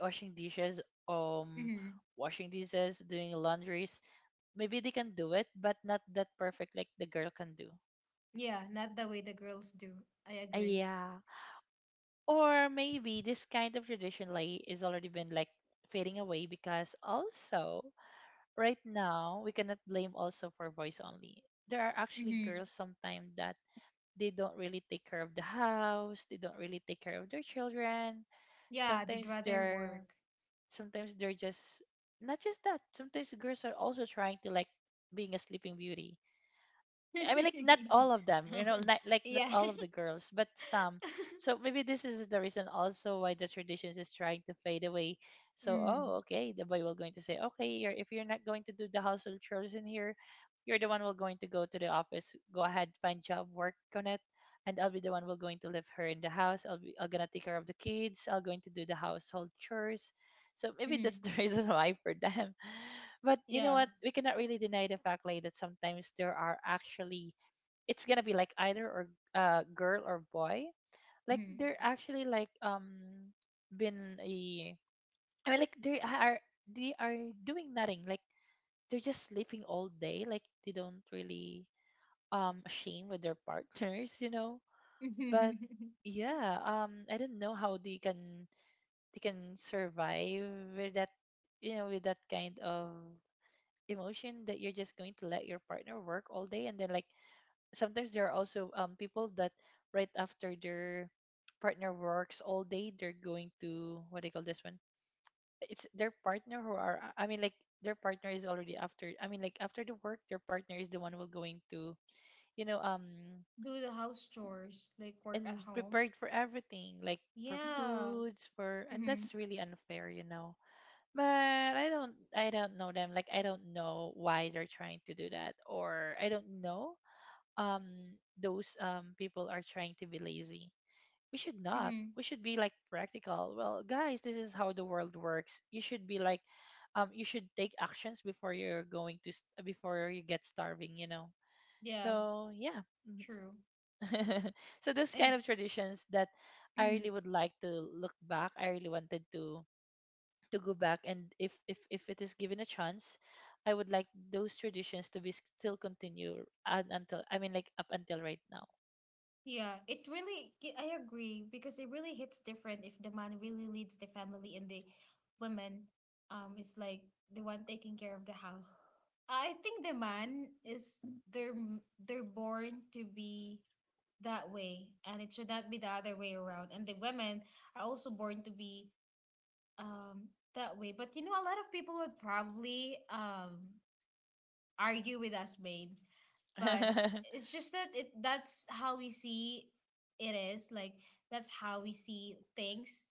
S2: washing dishes, um
S1: Hmm.
S2: washing dishes doing laundries, maybe they can do it but not that perfect like the girl can do.
S1: Yeah, not the way the girls do. I
S2: Uh,
S1: agree.
S2: yeah, or maybe this kind of tradition like is already been like fading away, because also right now we cannot blame also for voice only. There are actually
S1: Hmm.
S2: girls sometimes that they don't really take care of the house, they don't really take care of their children.
S1: Yeah, they'd
S2: sometimes
S1: rather
S2: they're
S1: work.
S2: Sometimes they're just, not just that, sometimes girls are also trying to like being a sleeping beauty. I mean, like, not all of them, you know, like like not
S1: Yeah.
S2: all of the girls, but some. So maybe this is the reason also why the traditions is trying to fade away. So,
S1: Mm.
S2: oh, okay, the boy will going to say, okay, you're, if you're not going to do the household chores in here, you're the one will going to go to the office. Go ahead, find job, work on it, and I'll be the one will going to leave her in the house. I'll be I'll gonna take care of the kids. I'll going to do the household chores. So maybe that's
S1: Mm-hmm.
S2: the reason why for them. But you know
S1: Yeah.
S2: what? We cannot really deny the fact like that sometimes there are actually, it's gonna be like either or, uh girl or boy. Like
S1: Mm-hmm.
S2: they're actually like, um been a, I mean, like, they are they are doing nothing. Like they're just sleeping all day. Like they don't really, um ashamed with their partners, you know. But yeah, um I don't know how they can they can survive with that, you know, with that kind of emotion that you're just going to let your partner work all day, and then like, sometimes there are also um people that right after their partner works all day, they're going to, what do you call this one, it's their partner who are, I mean, like, their partner is already after, I mean, like, after the work, their partner is the one who will going to, you know, um
S1: Do the house chores, like work at
S2: and
S1: home.
S2: prepared for everything, like for
S1: Yeah.
S2: foods for, and
S1: Mm-hmm.
S2: that's really unfair, you know. But I don't I don't know them. Like I don't know why they're trying to do that, or I don't know um those um people are trying to be lazy. We should not.
S1: Mm-hmm.
S2: We should be like practical. Well, guys, this is how the world works. You should be like um you should take actions before you're going to st- before you get starving, you know.
S1: Yeah,
S2: So, yeah.
S1: true.
S2: So those
S1: And
S2: kind of traditions that I really
S1: mm-hmm.
S2: would like to look back. I really wanted to to go back and if if if it is given a chance, I would like those traditions to be still continue and until I mean like up until right now.
S1: Yeah, it really, g- I agree, because it really hits different if the man really leads the family, and the woman um is like the one taking care of the house. I think the man is, they're m- they're born to be that way, and it should not be the other way around. And the women are also born to be um that way. But you know, a lot of people would probably um argue with us, Bane. But it's just that it that's how we see it is. Like, that's how we see things.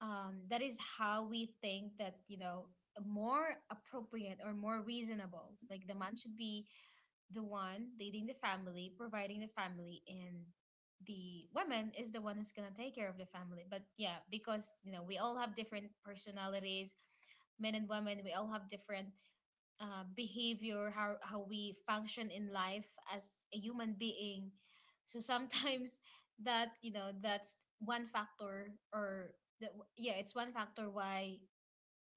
S1: Um, that is how we think that, you know, more appropriate or more reasonable. Like the man should be the one leading the family, providing the family, and the woman is the one who's gonna take care of the family. But yeah, because you know we all have different personalities, men and women. We all have different, uh, behavior, how how we function in life as a human being. So sometimes that, you know, that's one factor. or the, yeah, it's one factor why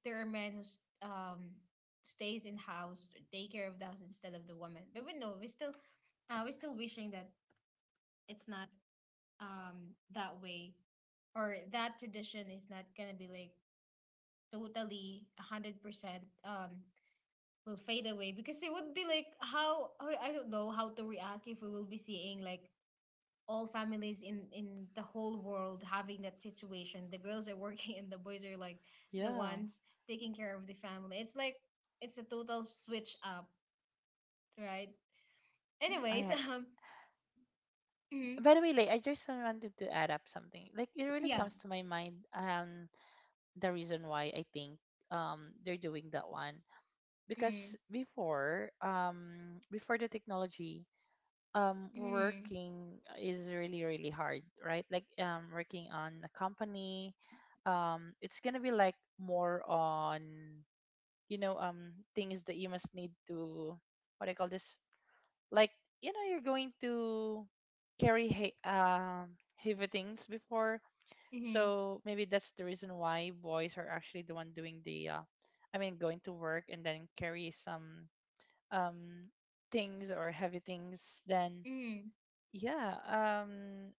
S1: there are men who s- um, stays in house, take care of the house instead of the woman. But we know we still uh, we're still wishing that it's not um that way, or that tradition is not gonna be like totally a hundred percent um will fade away, because it would be like, how, or I don't know how to react if we will be seeing like all families in in the whole world having that situation. The girls are working and the boys are like the
S2: Yeah,
S1: ones taking care of the family. It's like, it's a total switch up, right? Anyways,
S2: I,
S1: um, mhm,
S2: by the way, like I just wanted to add up something, like it really
S1: yeah.
S2: comes to my mind. Um the reason why I think um they're doing that one, because
S1: Mm.
S2: before, um before the technology, um
S1: Mm.
S2: working is really really hard, right? Like um working on a company, um it's gonna be like more on, you know, um things that you must need to, what do you call this, like, you know, you're going to carry he- um heavy things before.
S1: Mm.
S2: So maybe that's the reason why boys are actually the one doing the uh, I mean going to work and then carry some um things or heavy things than,
S1: Mm.
S2: yeah, um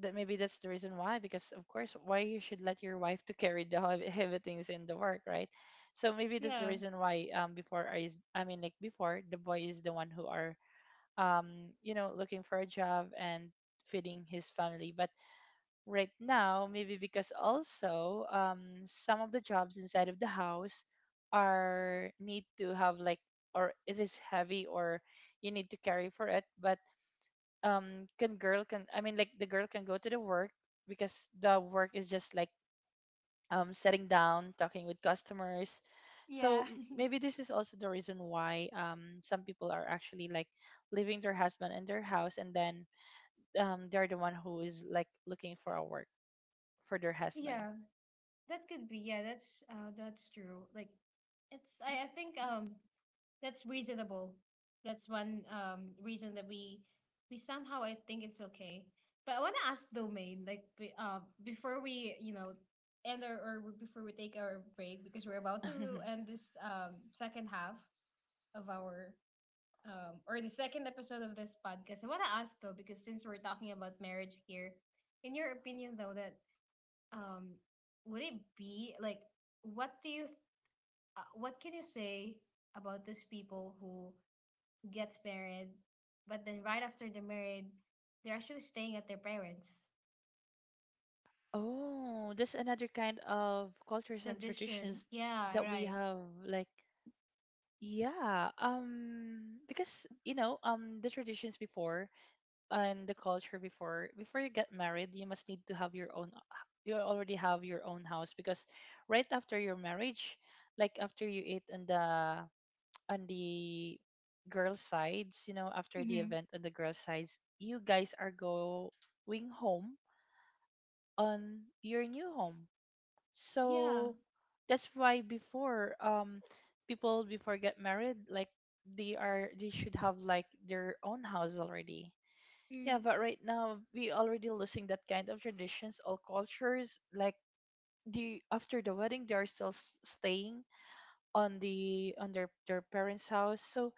S2: that, maybe that's the reason why. Because of course, why you should let your wife to carry the heavy, heavy things in the work, right? So maybe that's the
S1: Yeah.
S2: reason why um before I is, I mean like before, the boy is the one who are, um you know, looking for a job and feeding his family. But right now, maybe because also um some of the jobs inside of the house are need to have like, or it is heavy, or you need to carry for it. But um can girl can, I mean like the girl can go to the work because the work is just like um sitting down talking with customers. So
S1: Yeah.
S2: m- maybe this is also the reason why um some people are actually like leaving their husband in their house and then um they're the one who is like looking for a work for their husband.
S1: Yeah. That could be, yeah, that's uh that's true. Like, it's I, I think um that's reasonable. That's one um reason that we we somehow I think it's okay. But I want to ask Domain, like be, uh before we you know end our or before we take our break, because we're about to end this um second half of our um or the second episode of this podcast. I want to ask though, because since we're talking about marriage here, in your opinion though, that um would it be like, what do you uh, what can you say about those people who gets married, but then right after they're married they're actually staying at their parents.
S2: Oh, that's another kind of cultures and
S1: Tradition,
S2: traditions
S1: yeah,
S2: that we
S1: right.
S2: have, like, yeah, um, because, you know, um, the traditions before and the culture before before you get married, you must need to have your own. h- You already have your own house, because right after your marriage, like after you eat on the on the girl sides, you know, after the
S1: Mm-hmm.
S2: event on the girl sides, you guys are going home, on your new home.
S1: Yeah.
S2: So that's why before, um people before get married, like they are, they should have like their own house already. Yeah,
S1: Mm-hmm.
S2: but right now we already losing that kind of traditions all cultures, like, the after the wedding they are still s- staying on the on their their parents' house. So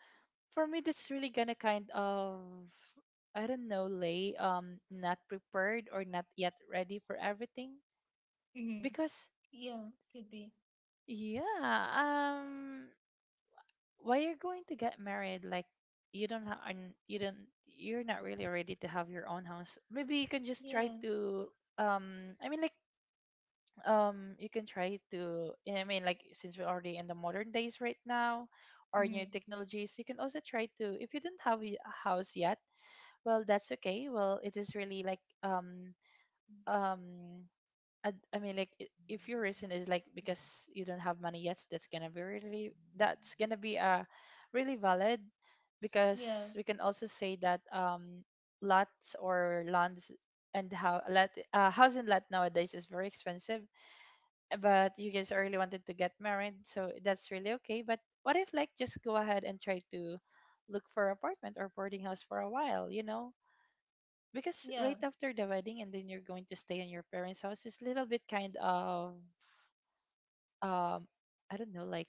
S2: for me, that's really gonna kind of, I don't know, lay um not prepared or not yet ready for everything.
S1: Mm-hmm.
S2: Because,
S1: Yeah, could be.
S2: yeah, um why you're going to get married, like, you don't have, and you don't, you're not really ready to have your own house, maybe you can just try
S1: Yeah.
S2: to um I mean like, um you can try to, I mean like, since we're already in the modern days right now, or
S1: Hmm.
S2: new technologies, you can also try to, if you don't have y- a house yet, well, that's okay. Well, it is really like, um um I, I mean, like, i- if your reason is like because you don't have money yet, that's gonna be really, that's gonna be uh really valid.
S1: Yeah,
S2: Because we can also say that, um lots or lands, and how lot, uh, house and lot nowadays is very expensive. uh, But you guys really wanted to get married, so that's really okay. But what if, like, just go ahead and try to look for apartment or boarding house for a while, you know? Because
S1: yeah.
S2: right after the wedding and then you're going to stay in your parents' house is a little bit kind of, um I don't know, like,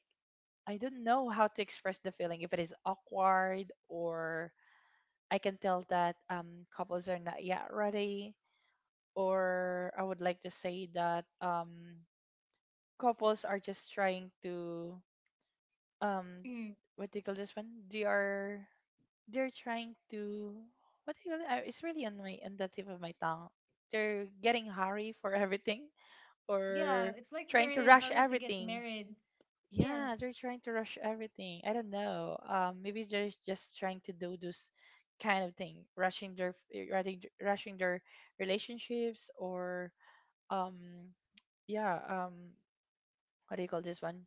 S2: I don't know how to express the feeling, if it is awkward, or I can tell that um couples are not yet ready, or I would like to say that um couples are just trying to um
S1: Hmm.
S2: what do you call this one? They are, they're trying to, what do you call it? Uh, It's really on my, on the tip of my tongue. They're getting hurry for everything,
S1: Yeah. It's
S2: or
S1: like they're in
S2: trying
S1: a
S2: to
S1: hurry
S2: rush
S1: to get
S2: everything.
S1: married. Yes.
S2: Yeah, they're trying to rush everything. I don't know. Um, maybe they're just trying to do this kind of thing, rushing their eh, rushing rushing their relationships or, um yeah, um what do you call this one?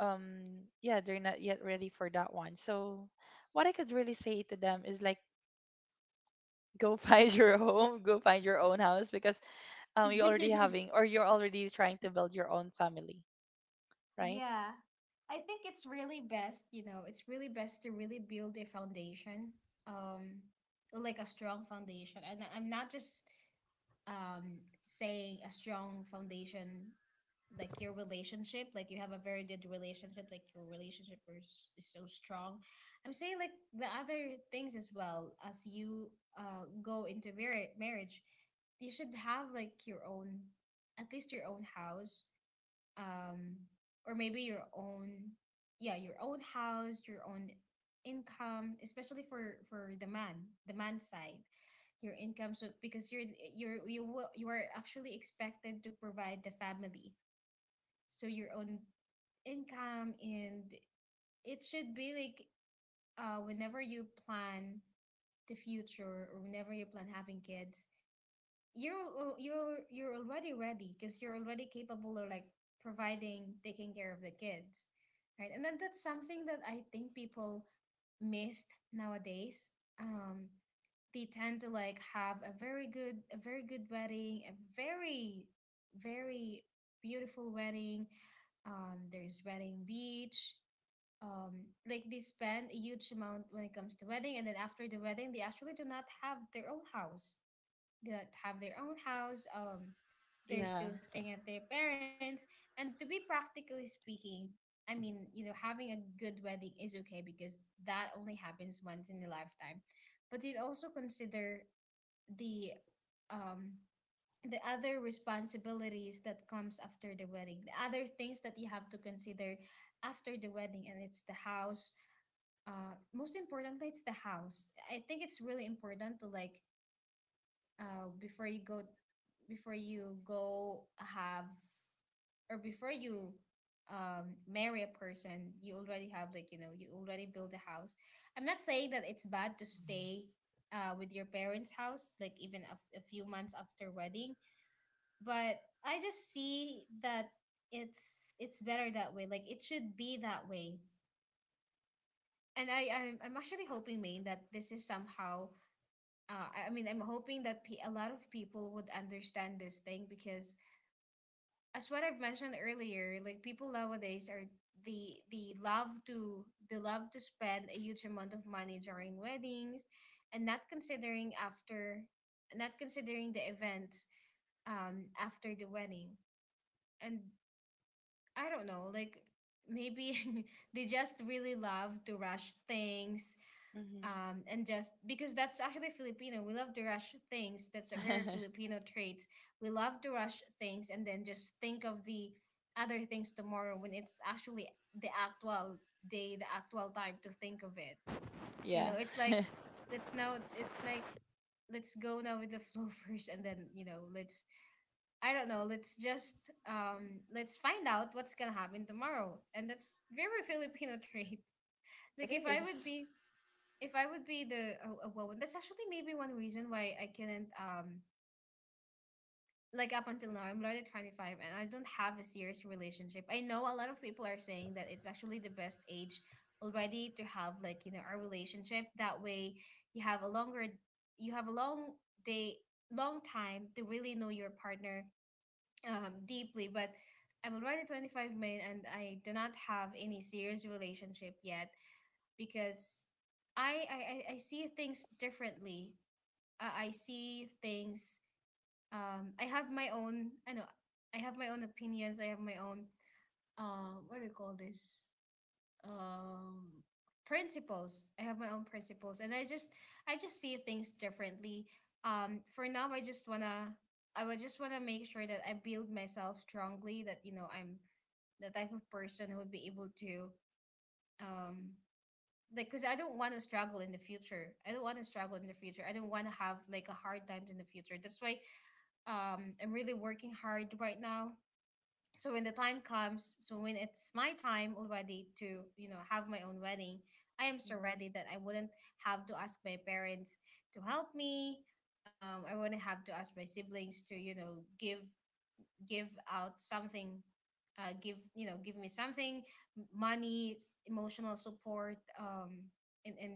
S2: um yeah, they're not yet ready for that one. So what I could really say to them is like, go find your home, go find your own house, because um you're already having, or you're already trying to build your own family, right?
S1: Yeah, I think it's really best. You know, it's really best to really build a foundation, um, like a strong foundation, and I'm not just um, saying a strong foundation, like your relationship, like you have a very good relationship, like your relationship is, is so strong. I'm saying like the other things, as well as you uh, go into mar- marriage, you should have like your own, at least your own house, um or maybe your own, yeah, your own house, your own income, especially for for the man the man side, your income. So because you're you're you will you are actually expected to provide the family, so your own income. And it should be like, uh whenever you plan the future, or whenever you plan having kids, you're al- you're you're already ready, because you're already capable of like providing, taking care of the kids, right? And then that's something that I think people missed nowadays. um they tend to like have a very good, a very good wedding, a very very beautiful wedding, um there's wedding beach, um like they spend a huge amount when it comes to wedding, and then after the wedding they actually do not have their own house, that have their own house. Um, they're
S2: Yeah.
S1: still staying at their parents. And to be practically speaking, I mean, you know, having a good wedding is okay because that only happens once in a lifetime. But it also consider the um the other responsibilities that comes after the wedding, the other things that you have to consider after the wedding, and it's the house. Uh, most importantly, it's the house. I think it's really important to, like, uh, before you go, before you go have or before you um, marry a person, you already have, like, you know, you already build a house. I'm not saying that it's bad to stay uh, with your parents house, like even a, a few months after wedding, but I just see that it's it's better that way, like it should be that way. And i i'm, I'm actually hoping, Maine, that this is somehow, uh, I I mean, I'm hoping that pe- a lot of people would understand this thing, because, as what I've mentioned earlier, like people nowadays are the the love to they love to spend a huge amount of money during weddings, and not considering after, not considering the events um after the wedding. And I don't know, like maybe they just really love to rush things.
S2: Hmm.
S1: Um, and just because that's actually Filipino, we love to rush things. That's a very Filipino trait. We love to rush things and then just think of the other things tomorrow when it's actually the actual day, the actual time to think of it. You
S2: Yeah.
S1: know, it's like let's now, it's like let's go now with the flow first, and then you know, let's I don't know. Let's just um let's find out what's gonna happen tomorrow, and that's very Filipino trait.
S2: It
S1: Like if I would
S2: is.
S1: be if I would be the a, a woman, that's actually maybe one reason why I couldn't um like up until now I'm already twenty-five and I don't have a serious relationship. I know a lot of people are saying that it's actually the best age already to have like you know a relationship. That way you have a longer you have a long day long time to really know your partner um, deeply. But I'm already twenty-five, main and I do not have any serious relationship yet, because I I, I I see things differently. Uh, I see things. Um, I have my own. I know. I have my own opinions. I have my own. Uh, what do you call this? um Principles. I have my own principles, and I just I just see things differently. Um for now, I just wanna I would just wanna make sure that I build myself strongly, that you know I'm the type of person who would be able to um like, because I don't want to struggle in the future. I don't want to struggle in the future. I don't want to have like a hard times in the future. That's why um I'm really working hard right now, so when the time comes, so when it's my time already to you know have my own wedding, I am so ready
S2: Mm-hmm.
S1: that I wouldn't have to ask my parents to help me. um, I wouldn't have to ask my siblings to you know give give out something, uh, give you know give me something, m- money, emotional support, um, and, and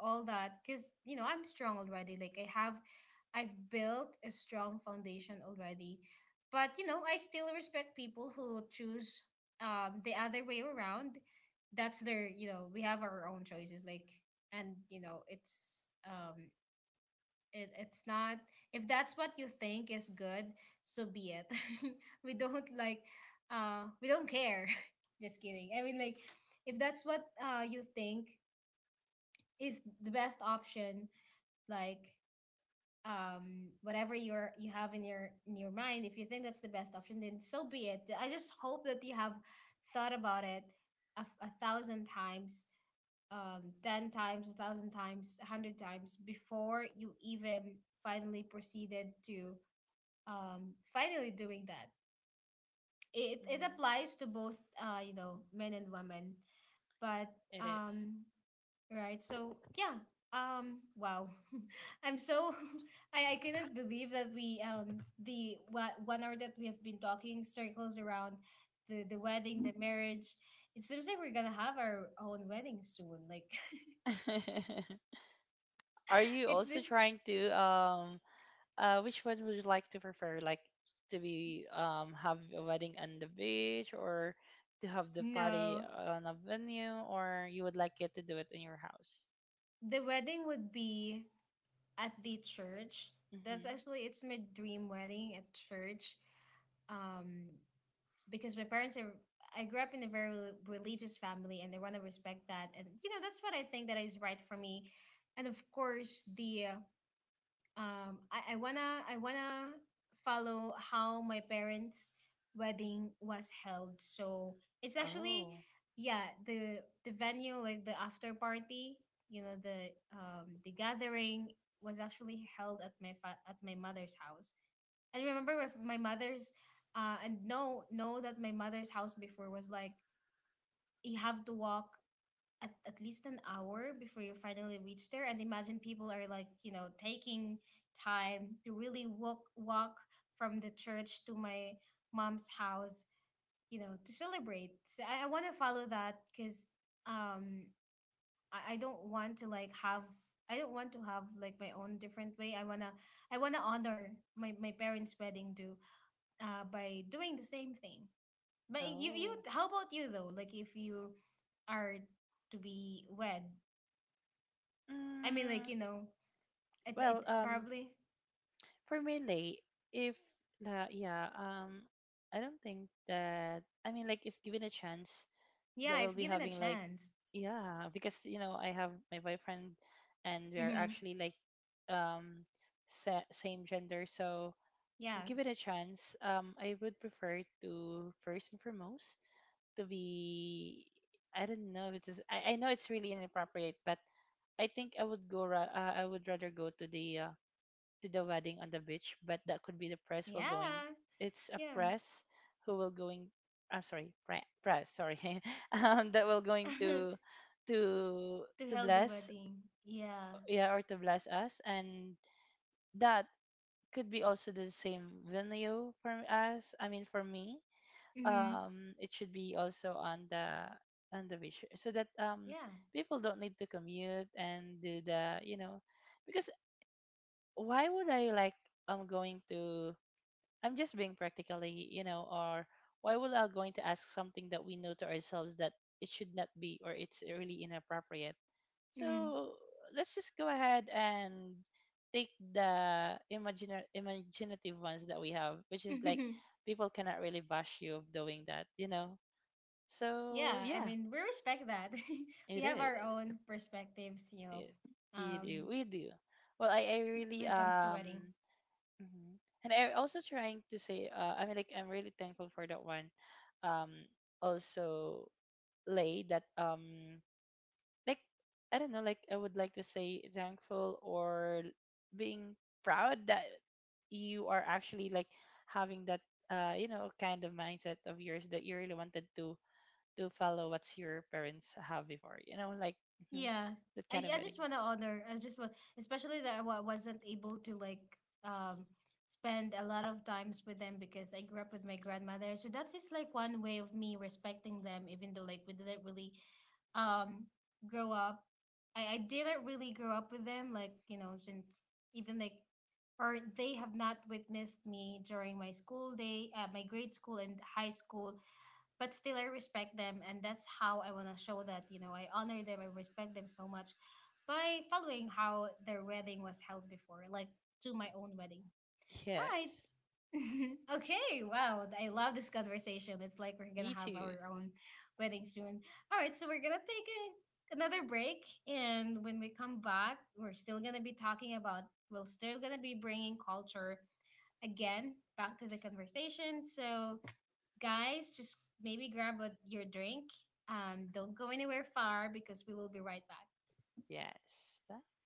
S1: all that, because you know I'm strong already, like i have I've built a strong foundation already. But you know I still respect people who choose um the other way around. That's their you know We have our own choices, like, and you know it's um it, it's not. If that's what you think is good, so be it. we don't like uh we don't care. Just kidding, I mean, like, if that's what uh you think is the best option, like um whatever you're you have in your in your mind. If you think that's the best option, then so be it. I just hope that you have thought about it a a thousand times, um ten times, a thousand times, a hundred times, before you even finally proceeded to um finally doing that. It, it
S2: Mm-hmm.
S1: applies to both, uh you know men and women. But
S2: It is.
S1: um right. So yeah. Um. Wow. I'm so. I I couldn't believe that we, um the what one hour that we have been talking circles around the the wedding, the marriage. It seems like we're gonna have our own wedding soon. Like,
S2: Are you
S1: it's the.
S2: also trying to um uh, which one would you like to prefer? Like, to be um have a wedding on the beach, or to have the party
S1: No.
S2: on a venue, or you would like it to do it in your house?
S1: The wedding would be at the church. That's
S2: Mm-hmm.
S1: actually It's my dream wedding at church. Um. because my parents are I grew up in a very rel- religious family, and they want to respect that. And you know that's what I think that is right for me. And of course, the uh, um I, I wanna I wanna follow how my parents wedding was held. So it's actually,
S2: Oh,
S1: yeah, the the venue, like the after party, you know the um the gathering, was actually held at my fa- at my mother's house. And remember with my mother's, uh and know know that my mother's house before was like, you have to walk at, at least an hour before you finally reach there. And imagine people are like, you know, taking time to really walk walk from the church to my mom's house, you know, to celebrate. So I, I wanna follow that, because um I, I don't want to like have I don't want to have like my own different way. I wanna I wanna honor my, my parents' wedding too, uh, by doing the same thing. But you, you,
S2: oh.
S1: how about you though? Like if you are to be wed, I mean, like,
S2: Mm,
S1: you know, it, it
S2: well, um,
S1: probably.
S2: for mainly, if la, yeah, um, I don't think that. I mean, like, if given a chance, that
S1: Yeah,
S2: we'll
S1: if
S2: be
S1: given a
S2: having like,
S1: chance.
S2: yeah, because, you know, I have my boyfriend, and we are
S1: Mm-hmm.
S2: actually like, um sa- same gender. So if
S1: Yeah.
S2: give it a chance, um I would prefer to, first and foremost, to be, I don't know if it's, I, I know it's really inappropriate, but I think I would go ra- uh, I would rather go to the uh, to the wedding on the beach. But that could be the press will going.
S1: Yeah.
S2: It's a
S1: Yeah.
S2: press who will going. I'm sorry, pre- press. Sorry. Um, that will going to, to
S1: To
S2: to
S1: held the
S2: bless,
S1: wedding. Yeah.
S2: yeah, or to bless us. And that could be also the same venue for us. I mean, for me,
S1: Mm-hmm.
S2: um, it should be also on the on the beach, so that um
S1: Yeah.
S2: people don't need to commute and do the, you know, because why would I like, I'm going to, I'm just being practically, you know, or why would I going to ask something that we know to ourselves that it should not be, or it's really inappropriate?
S1: Mm-hmm.
S2: So let's just go ahead and take the imagina- imaginative ones that we have, which is like, people cannot really bash you of doing that, you know.
S1: Yeah.
S2: So
S1: I
S2: yeah,
S1: mean, we respect that. We
S2: it
S1: have
S2: is.
S1: our own perspectives, you know,
S2: It, you
S1: um,
S2: do. We do. Well, I, I really
S1: when it comes to wedding.
S2: um. Mhm. And I also trying to say, uh, I mean, like, I'm really thankful for that one. Um, also, lay that, um, like, I don't know, like, I would like to say thankful, or being proud that you are actually like having that, uh, you know, kind of mindset of yours, that you really wanted to to follow what's your parents have before, you know, like, mhm,
S1: Yeah.
S2: that
S1: I,
S2: kind of
S1: I
S2: wedding.
S1: just want to honor. I just want, especially that I wa- wasn't able to like um spend a lot of times with them, because I grew up with my grandmother. So that's just like one way of me respecting them, even though like we didn't really um grow up. I, I didn't really grow up with them, like you know, since even like, or they have not witnessed me during my school day, uh, my grade school and high school. But still I respect them, and that's how I want to show that you know I honor them, I respect them so much, by following how their wedding was held before, like to my own wedding. All right.
S2: Yes,
S1: Okay, wow. I love this conversation. It's like we're gonna
S2: me
S1: have
S2: too.
S1: our own wedding soon. All right, so we're gonna take a, another break, and when we come back, we're still gonna be talking about, we're still gonna be bringing culture again back to the conversation. So, guys, just maybe grab a, your drink. Um, don't go anywhere far because we will be right back.
S2: Yes. Bye.